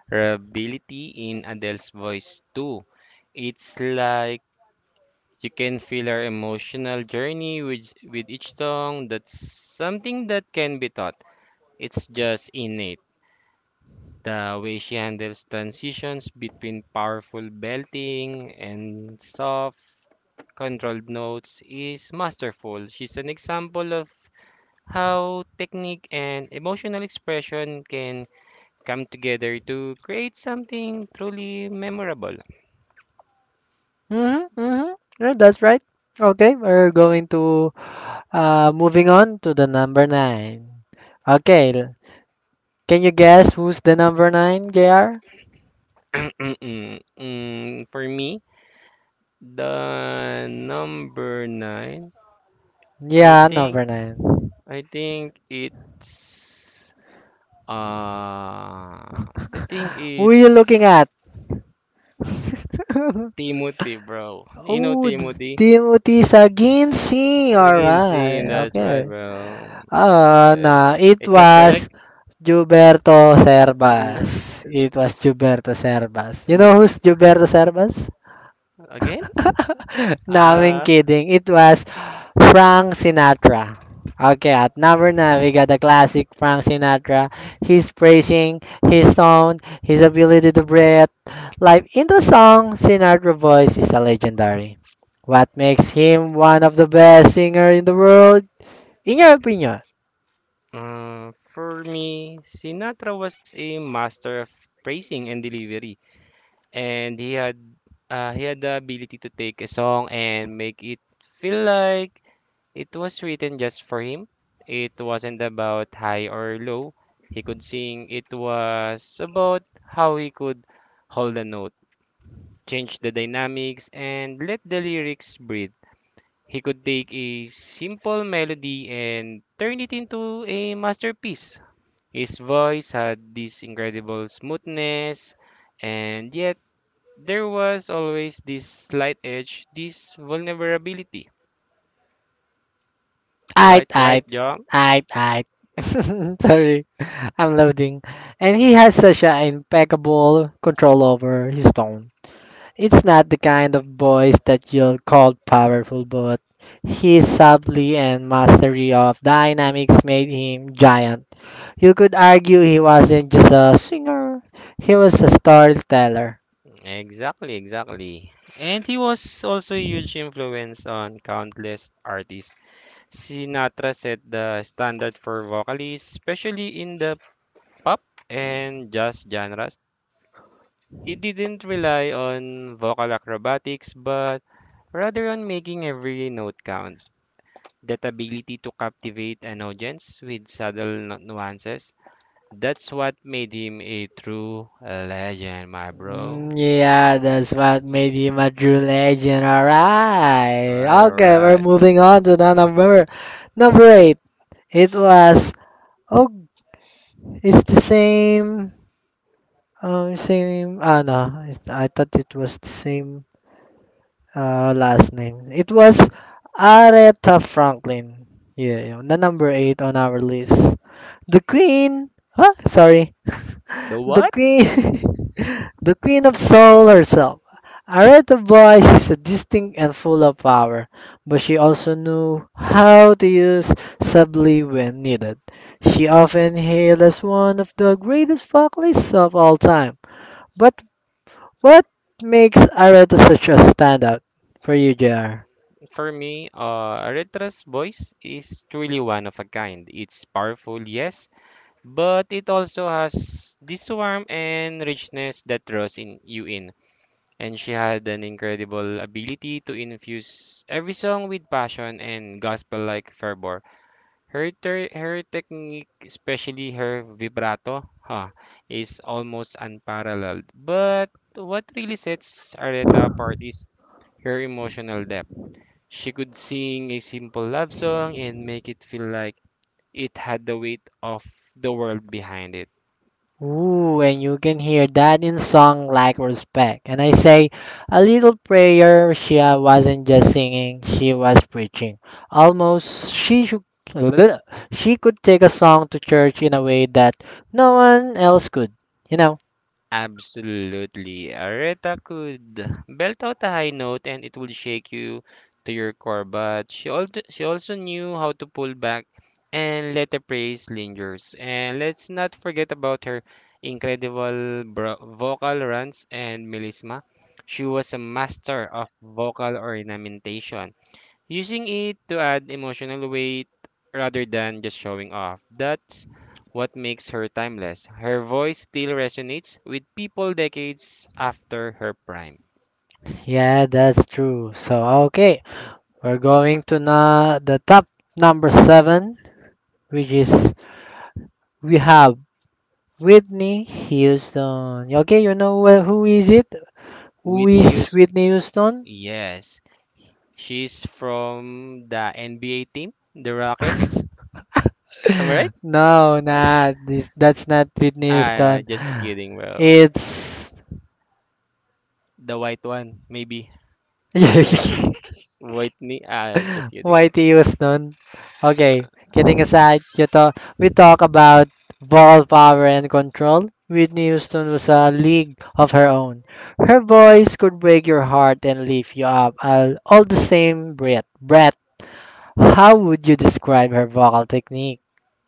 Speaker 2: vulnerability in Adele's voice too. It's like you can feel her emotional journey with each song. That's something that can be taught. It's just innate. The way she handles transitions between powerful belting and soft, controlled notes is masterful. She's an example of how technique and emotional expression can come together to create something truly memorable.
Speaker 1: Mm-hmm, mm-hmm. Yeah, that's right. Okay, we're going to moving on to the number nine. Okay, can you guess who's the number nine, JR?
Speaker 2: For me, the number nine, I
Speaker 1: Yeah,
Speaker 2: think,
Speaker 1: number nine.
Speaker 2: I think it's, uh, I think
Speaker 1: Who are you
Speaker 2: it's
Speaker 1: looking at?
Speaker 2: Timothy, bro. You know
Speaker 1: Oh,
Speaker 2: Timothy?
Speaker 1: Timothy Saginsi.
Speaker 2: Like
Speaker 1: Alright.
Speaker 2: insane, that's right,
Speaker 1: Okay.
Speaker 2: bro. Eh,
Speaker 1: Na It
Speaker 2: is that
Speaker 1: was
Speaker 2: correct?
Speaker 1: Gilberto
Speaker 2: N-
Speaker 1: Servas. It was Gilberto Servas. You know
Speaker 2: n-
Speaker 1: who's Gilberto Servas?
Speaker 2: Again?
Speaker 1: No, I'm
Speaker 2: Ah,
Speaker 1: kidding. It was Frank Sinatra. Okay, at number nine, we got the classic Frank Sinatra. He's praising his tone, his ability to breathe. Live into song, Sinatra voice is a legendary. What makes him one of the best singer in the world? In your opinion?
Speaker 2: for me, Sinatra was a master of phrasing and delivery, and he had the ability to take a song and make it feel like it was written just for him. It wasn't about high or low. He could sing. It was about how he could hold a note, change the dynamics, and let the lyrics breathe. He could take a simple melody and turn it into a masterpiece. His voice had this incredible smoothness, and yet there was always this slight edge, this vulnerability.
Speaker 1: I,
Speaker 2: Right, right,
Speaker 1: I,
Speaker 2: John?
Speaker 1: I. Sorry, I'm loading. And he has such an impeccable control over his tone. It's not the kind of voice that you'll call powerful, but his subtlety and mastery of dynamics made him giant. You could argue he wasn't just a singer, he was a storyteller.
Speaker 2: Exactly, exactly. And he was also a huge influence on countless artists. Sinatra set the standard for vocalists, especially in the pop and jazz genres. He didn't rely on vocal acrobatics, but rather on making every note count. That ability to captivate an audience with subtle nuances, that's what made him a true legend, my bro.
Speaker 1: Mm, yeah, that's what made him a true legend.
Speaker 2: All
Speaker 1: Alright.
Speaker 2: right, all
Speaker 1: Okay, we're
Speaker 2: right.
Speaker 1: moving on to the number eight. It was oh it's the same same ah no, it, I thought it was the same last name. It was Aretha Franklin. Yeah, yeah, the number eight on our list. The Queen. Huh? Sorry.
Speaker 2: The
Speaker 1: The
Speaker 2: what?
Speaker 1: Queen. The Queen of Soul herself. Aretha voice is distinct and full of power, but she also knew how to use subtly when needed. She often hailed as one of the greatest vocalists of all time. But what makes Aretha such a standout for you, JR?
Speaker 2: For me, Aritra's voice is truly one of a kind. It's powerful, yes, but it also has this warmth and richness that draws in you in, and she had an incredible ability to infuse every song with passion and gospel-like fervor. Her technique, especially her vibrato, huh, is almost unparalleled. But what really sets Areta apart is her emotional depth. She could sing a simple love song and make it feel like it had the weight of the world behind it.
Speaker 1: Ooh, and you can hear that in song like respect. And I say, a little prayer, she wasn't just singing, she was preaching. Almost, she should, she could take a song to church in a way that no one else could, you know?
Speaker 2: Absolutely. Aretha could belt out a high note and it will shake you to your core, but she also knew how to pull back and let the praise lingers. And let's not forget about her incredible vocal runs and melisma. She was a master of vocal ornamentation, using it to add emotional weight rather than just showing off. That's what makes her timeless. Her voice still resonates with people decades after her prime.
Speaker 1: Yeah, that's true. So, okay, we're going to na the top number seven, which is we have Whitney Houston. Okay, you know who is it? Who
Speaker 2: Whitney
Speaker 1: is
Speaker 2: Houston,
Speaker 1: Whitney Houston?
Speaker 2: yes. She's from the NBA team, the Rockets. Am I right?
Speaker 1: No, nah, this, that's not Whitney
Speaker 2: Ah,
Speaker 1: Houston.
Speaker 2: just kidding. Well,
Speaker 1: It's
Speaker 2: the white one, maybe. Whitney, ah, just kidding.
Speaker 1: Whitey Houston. Okay, kidding aside, we talk about ball power and control. Whitney Houston was a league of her own. Her voice could break your heart and lift you up all the same breath. Breath. How would you describe her vocal technique,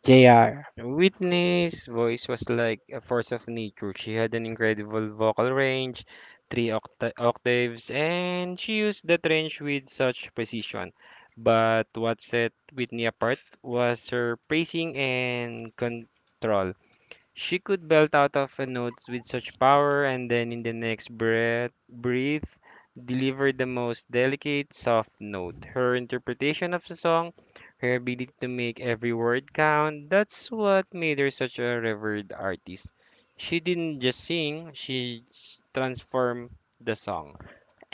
Speaker 1: JR?
Speaker 2: Whitney's voice was like a force of nature. She had an incredible vocal range, three octaves, and she used that range with such precision. But what set Whitney apart was her pacing and control. She could belt out of a note with such power, and then in the next breath breathe deliver the most delicate, soft note. Her interpretation of the song, her ability to make every word count, that's what made her such a revered artist. She didn't just sing, transformed the song.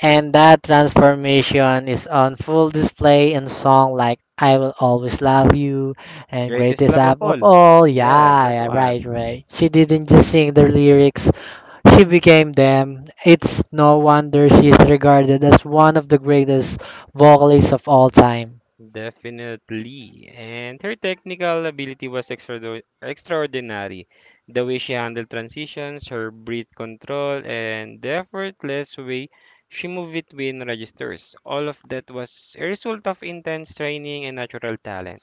Speaker 1: And that transformation is on full display in songs like I Will Always Love You and
Speaker 2: Greatest
Speaker 1: Greatest
Speaker 2: love of
Speaker 1: Up of
Speaker 2: all.
Speaker 1: All.
Speaker 2: Yeah,
Speaker 1: Yeah,
Speaker 2: that's
Speaker 1: yeah, right,
Speaker 2: one.
Speaker 1: right. She didn't just sing the lyrics, she became them. It's no wonder she is regarded as one of the greatest vocalists of all time.
Speaker 2: Definitely. And her technical ability was extraordinary. The way she handled transitions, her breath control, and the effortless way she moved between registers. All of that was a result of intense training and natural talent.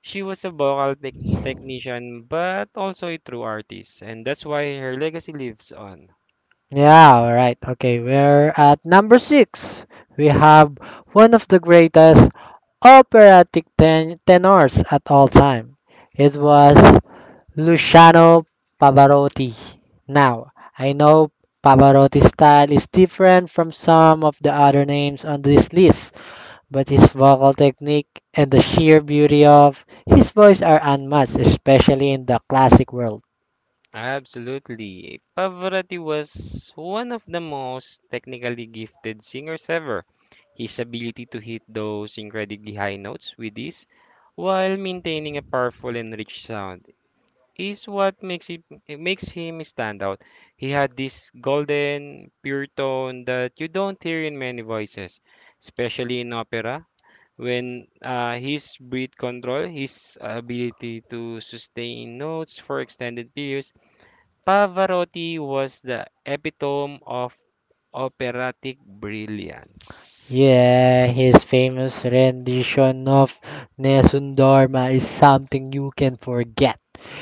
Speaker 2: She was a vocal technician, but also a true artist, and that's why her legacy lives on.
Speaker 1: Yeah, alright. Okay, we're at number six. We have one of the greatest operatic tenors at all time. It was Luciano Pavarotti. Now, I know Pavarotti's style is different from some of the other names on this list, but his vocal technique and the sheer beauty of his voice are unmatched, especially in the classic world.
Speaker 2: Absolutely. Pavarotti was one of the most technically gifted singers ever. His ability to hit those incredibly high notes with ease while maintaining a powerful and rich sound is what makes him stand out. He had this golden, pure tone that you don't hear in many voices, especially in opera. When His breath control, his ability to sustain notes for extended periods. Pavarotti was the epitome of operatic brilliance.
Speaker 1: Yeah, his famous rendition of Nessun Dorma is something you can forget.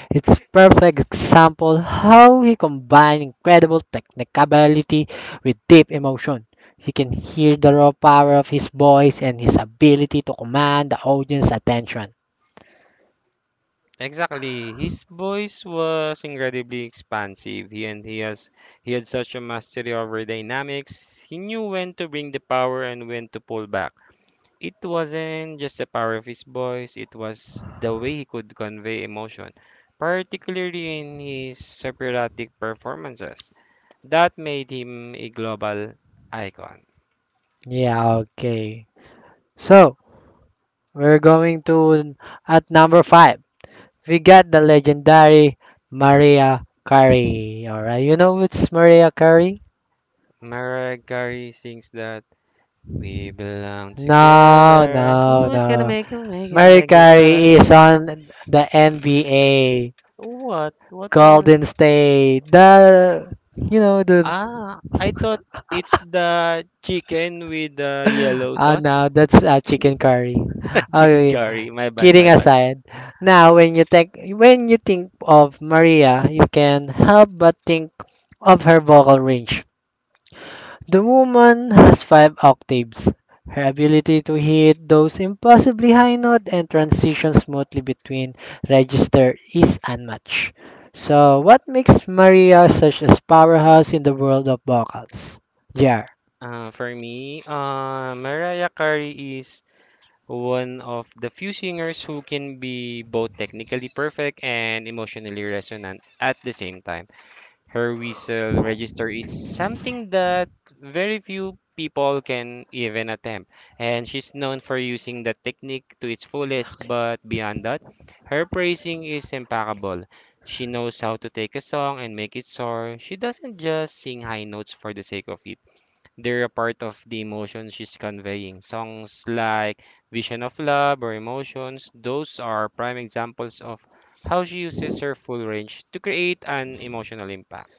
Speaker 1: It's perfect example how he combined incredible technicability with deep emotion. You can hear the raw power of his voice and his ability to command the audience attention.
Speaker 2: Exactly. His voice was incredibly expansive. He and he has he had such a mastery over dynamics. He knew when to bring the power and when to pull back. It wasn't just the power of his voice, it was the way he could convey emotion, particularly in his operatic performances. That made him a global icon.
Speaker 1: Yeah, okay. So, we're going to at number 5. We got the legendary Maria Carey. All right. You know what's Maria Carey?
Speaker 2: Mariah Carey sings that we belong
Speaker 1: No,
Speaker 2: together.
Speaker 1: no,
Speaker 2: Who's gonna
Speaker 1: no.
Speaker 2: make you
Speaker 1: Maria
Speaker 2: like you so
Speaker 1: Carey is
Speaker 2: good?
Speaker 1: on the NBA.
Speaker 2: What? What kind of?
Speaker 1: Golden State. The you know the
Speaker 2: Ah, I thought it's the chicken with the yellow
Speaker 1: ah
Speaker 2: sauce.
Speaker 1: no, that's chicken curry.
Speaker 2: Chicken
Speaker 1: Okay,
Speaker 2: curry. My bad,
Speaker 1: kidding
Speaker 2: my bad.
Speaker 1: aside. Now when you think of Maria, you can help but think of her vocal range. The woman has five octaves. Her ability to hit those impossibly high notes and transition smoothly between register is unmatched. So, what makes Maria such a powerhouse in the world of vocals? Yeah.
Speaker 2: For me, Mariah Carey is one of the few singers who can be both technically perfect and emotionally resonant at the same time. Her whistle register is something that very few people can even attempt, and she's known for using the technique to its fullest, but beyond that, her phrasing is impeccable. She knows how to take a song and make it soar. She doesn't just sing high notes for the sake of it. They're a part of the emotion she's conveying. Songs like Vision of Love or Emotions, those are prime examples of how she uses her full range to create an emotional impact.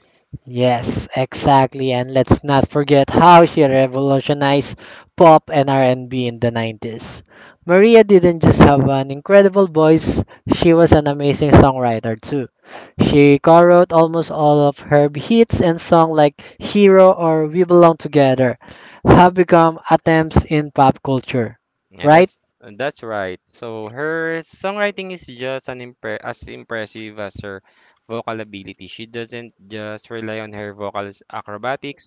Speaker 1: Yes, exactly. And let's not forget how she revolutionized pop and R&B in the 90s. Maria didn't just have an incredible voice, she was an amazing songwriter too. She co-wrote almost all of her hits, and songs like Hero or We Belong Together have become attempts in pop culture,
Speaker 2: Yeah,
Speaker 1: right?
Speaker 2: that's right. So her songwriting is just an impre as impressive as her vocal ability. She doesn't just rely on her vocal acrobatics.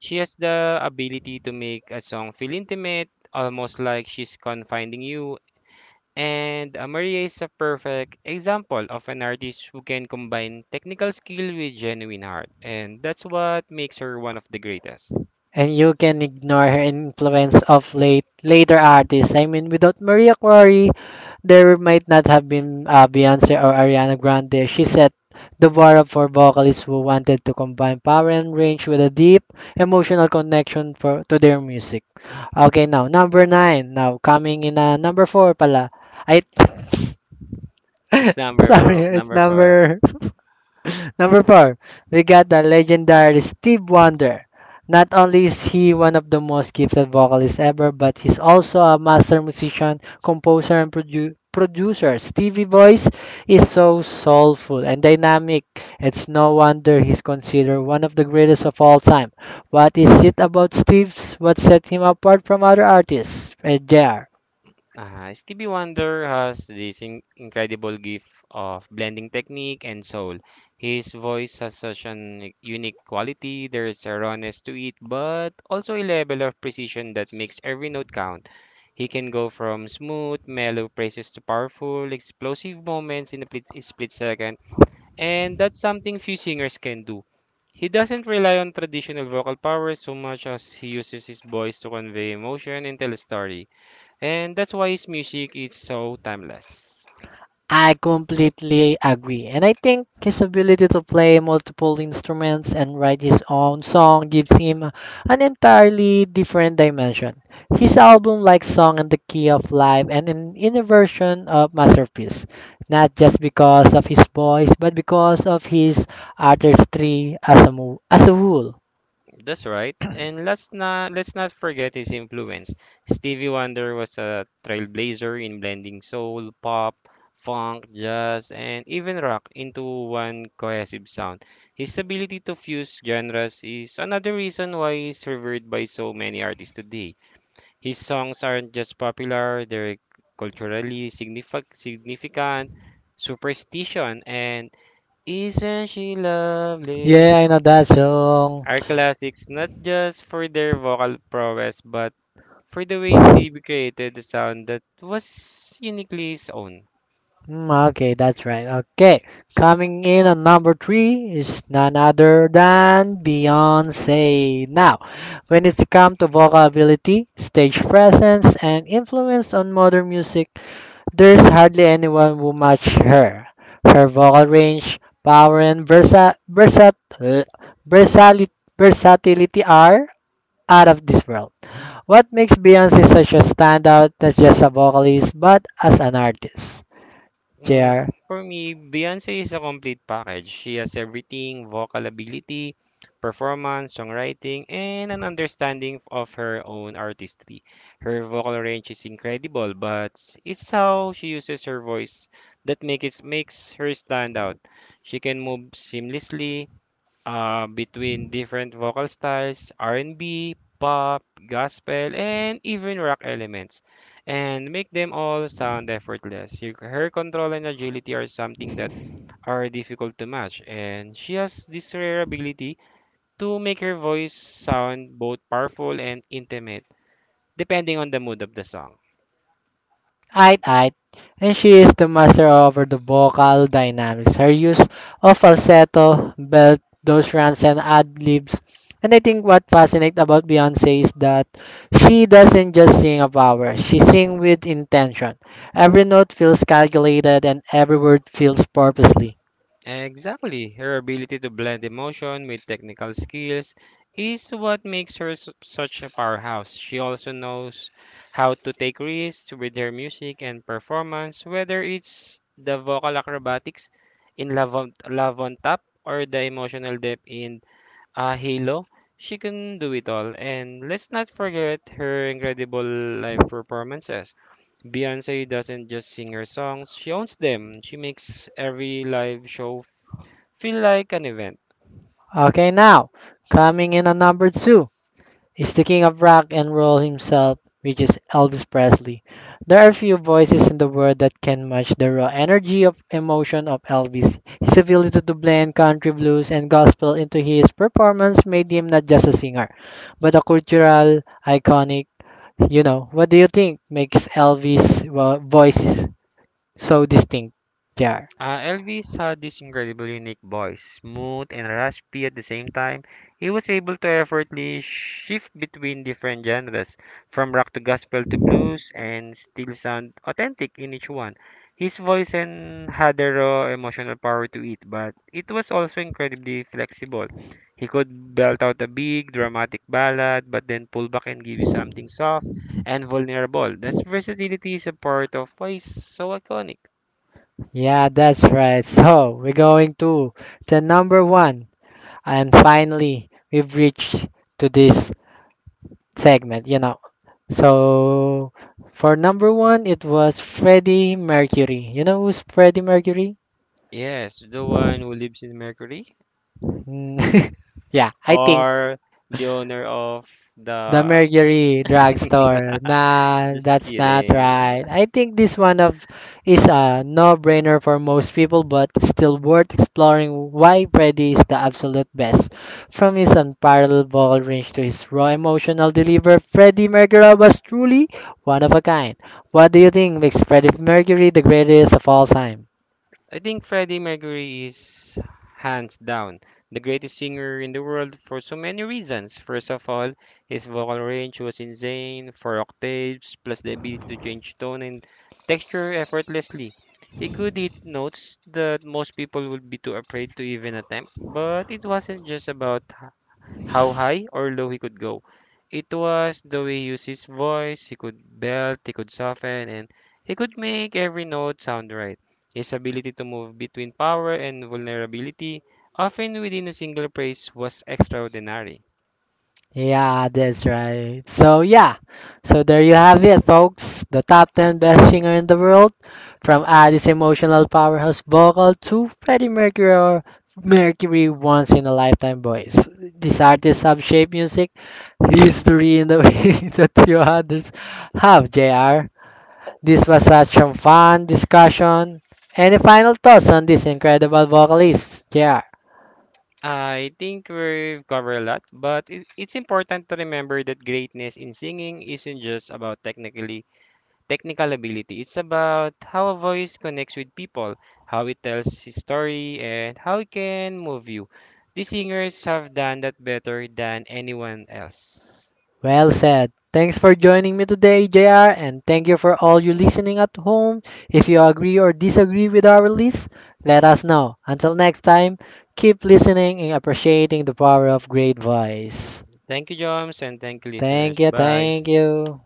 Speaker 2: She has the ability to make a song feel intimate, almost like she's confiding you. And Maria is a perfect example of an artist who can combine technical skill with genuine heart, and that's what makes her one of the greatest.
Speaker 1: And you can ignore her influence of late later artists. I mean, without Maria Carey, there might not have been Beyonce or Ariana Grande. She set the bar up for vocalists who wanted to combine power and range with a deep emotional connection for to their music. Okay, now number nine. Now coming in number four pala. I
Speaker 2: That's number
Speaker 1: sorry,
Speaker 2: four.
Speaker 1: it's
Speaker 2: Number four.
Speaker 1: number Number four, we got the legendary Steve Wonder. Not only is he one of the most gifted vocalists ever, but he's also a master musician, composer, and producer. Stevie's voice is so soulful and dynamic. It's no wonder he's considered one of the greatest of all time. What is it about Steve's what set him apart from other artists? Eh, JR?
Speaker 2: Stevie Wonder has this incredible gift of blending technique and soul. His voice has such an unique quality. There is a rawness to it, but also a level of precision that makes every note count. He can go from smooth, mellow praises to powerful, explosive moments in a split second, and that's something few singers can do. He doesn't rely on traditional vocal powers so much as he uses his voice to convey emotion and tell a story. And that's why his music is so timeless.
Speaker 1: I completely agree. And I think his ability to play multiple instruments and write his own song gives him an entirely different dimension. His album like Song and the Key of Life and an inner version of Masterpiece, not just because of his voice, but because of his artistry as a, as a whole.
Speaker 2: That's right. And let's not forget his influence. Stevie Wonder was a trailblazer in blending soul, pop, funk, jazz, and even rock into one cohesive sound. His ability to fuse genres is another reason why he's revered by so many artists today. His songs aren't just popular, they're culturally significant, superstition, and isn't she lovely?
Speaker 1: Yeah, I know that song.
Speaker 2: Are classics not just for their vocal prowess, but for the way Stevie created a sound that was uniquely his own.
Speaker 1: Mm, okay, that's right. Okay, coming in at number three is none other than Beyonce. Now, when it's come to vocal ability, stage presence, and influence on modern music, there's hardly anyone who match her. Her vocal range, power, and versatility are out of this world. What makes Beyonce such a standout, not just a vocalist, but as an artist?
Speaker 2: Mm,
Speaker 1: JR.
Speaker 2: for me, Beyonce is a complete package. She has everything vocal ability, performance, songwriting, and an understanding of her own artistry. Her vocal range is incredible, but it's how she uses her voice that makes her stand out. She can move seamlessly between different vocal styles, R&B, pop, gospel, and even rock elements, and make them all sound effortless. Her control and agility are something that are difficult to match, and she has this rare ability to make her voice sound both powerful and intimate, depending on the mood of the song.
Speaker 1: Ait Ait, and she is the master over the vocal dynamics. Her use of falsetto, belt, those runs, and ad-libs. And I think what fascinates about Beyonce is that she doesn't just sing a power, she sings with intention. Every note feels calculated and every word feels purposely.
Speaker 2: Exactly. Her ability to blend emotion with technical skills is what makes her such a powerhouse. She also knows how to take risks with her music and performance, whether it's the vocal acrobatics in Love on Top or the emotional depth in Halo. She can do it all. And let's not forget her incredible live performances. Beyonce doesn't just sing her songs, she owns them. She makes every live show feel like an event.
Speaker 1: Okay, now, coming in at number two. He's the king of rock and roll himself, which is Elvis Presley. There are few voices in the world that can match the raw energy of emotion of Elvis. His ability to blend country blues and gospel into his performance made him not just a singer, but a cultural iconic. You know, what do you think makes Elvis' voice so distinct? Jar.
Speaker 2: Elvis had this incredibly unique voice, smooth and raspy at the same time. He was able to effortlessly shift between different genres, from rock to gospel to blues, and still sound authentic in each one. His voice and had a raw emotional power to it, but it was also incredibly flexible. He could belt out a big, dramatic ballad, but then pull back and give you something soft and vulnerable. That versatility is a part of why he's so iconic.
Speaker 1: Yeah, that's right. So we're going to the number one, and finally we've reached to this segment, you know. So for number one, it was Freddie Mercury. You know who's Freddie Mercury?
Speaker 2: Yes, the one who lives in Mercury
Speaker 1: Mm, yeah, I think.
Speaker 2: or the owner of
Speaker 1: The
Speaker 2: the
Speaker 1: Mercury Drugstore. Nah, that's not right.
Speaker 2: kidding.
Speaker 1: I think this one of is a no-brainer for most people, but still worth exploring why Freddy is the absolute best. From his unparalleled vocal range to his raw emotional delivery, Freddie Mercury was truly one of a kind. What do you think makes Freddie Mercury the greatest of all time?
Speaker 2: I think Freddie Mercury is hands down the greatest singer in the world for so many reasons. First of all, his vocal range was insane, 4 octaves, plus the ability to change tone and texture effortlessly. He could hit notes that most people would be too afraid to even attempt, but it wasn't just about how high or low he could go. It was the way he used his voice, he could belt, he could soften, and he could make every note sound right. His ability to move between power and vulnerability, often within a single phrase, was extraordinary.
Speaker 1: Yeah, that's right. So yeah, so there you have it, folks. The top 10 best singer in the world, from Addie's emotional powerhouse vocal to Freddie Mercury or Mercury once in a lifetime voice. These artists have shaped music history in the way that few others have. Jr. This was such a fun discussion. Any final thoughts on this incredible vocalist, Jr.?
Speaker 2: I think we've covered a lot, but it's important to remember that greatness in singing isn't just about technical ability. It's about how a voice connects with people, how it tells his story, and how it can move you. These singers have done that better than anyone else.
Speaker 1: Well said. Thanks for joining me today, JR, and thank you for all you listening at home. If you agree or disagree with our list, let us know. Until next time, keep listening and appreciating the power of great voice.
Speaker 2: Thank you, Joms, and thank you,
Speaker 1: Thank
Speaker 2: listeners.
Speaker 1: you,
Speaker 2: Bye.
Speaker 1: thank you.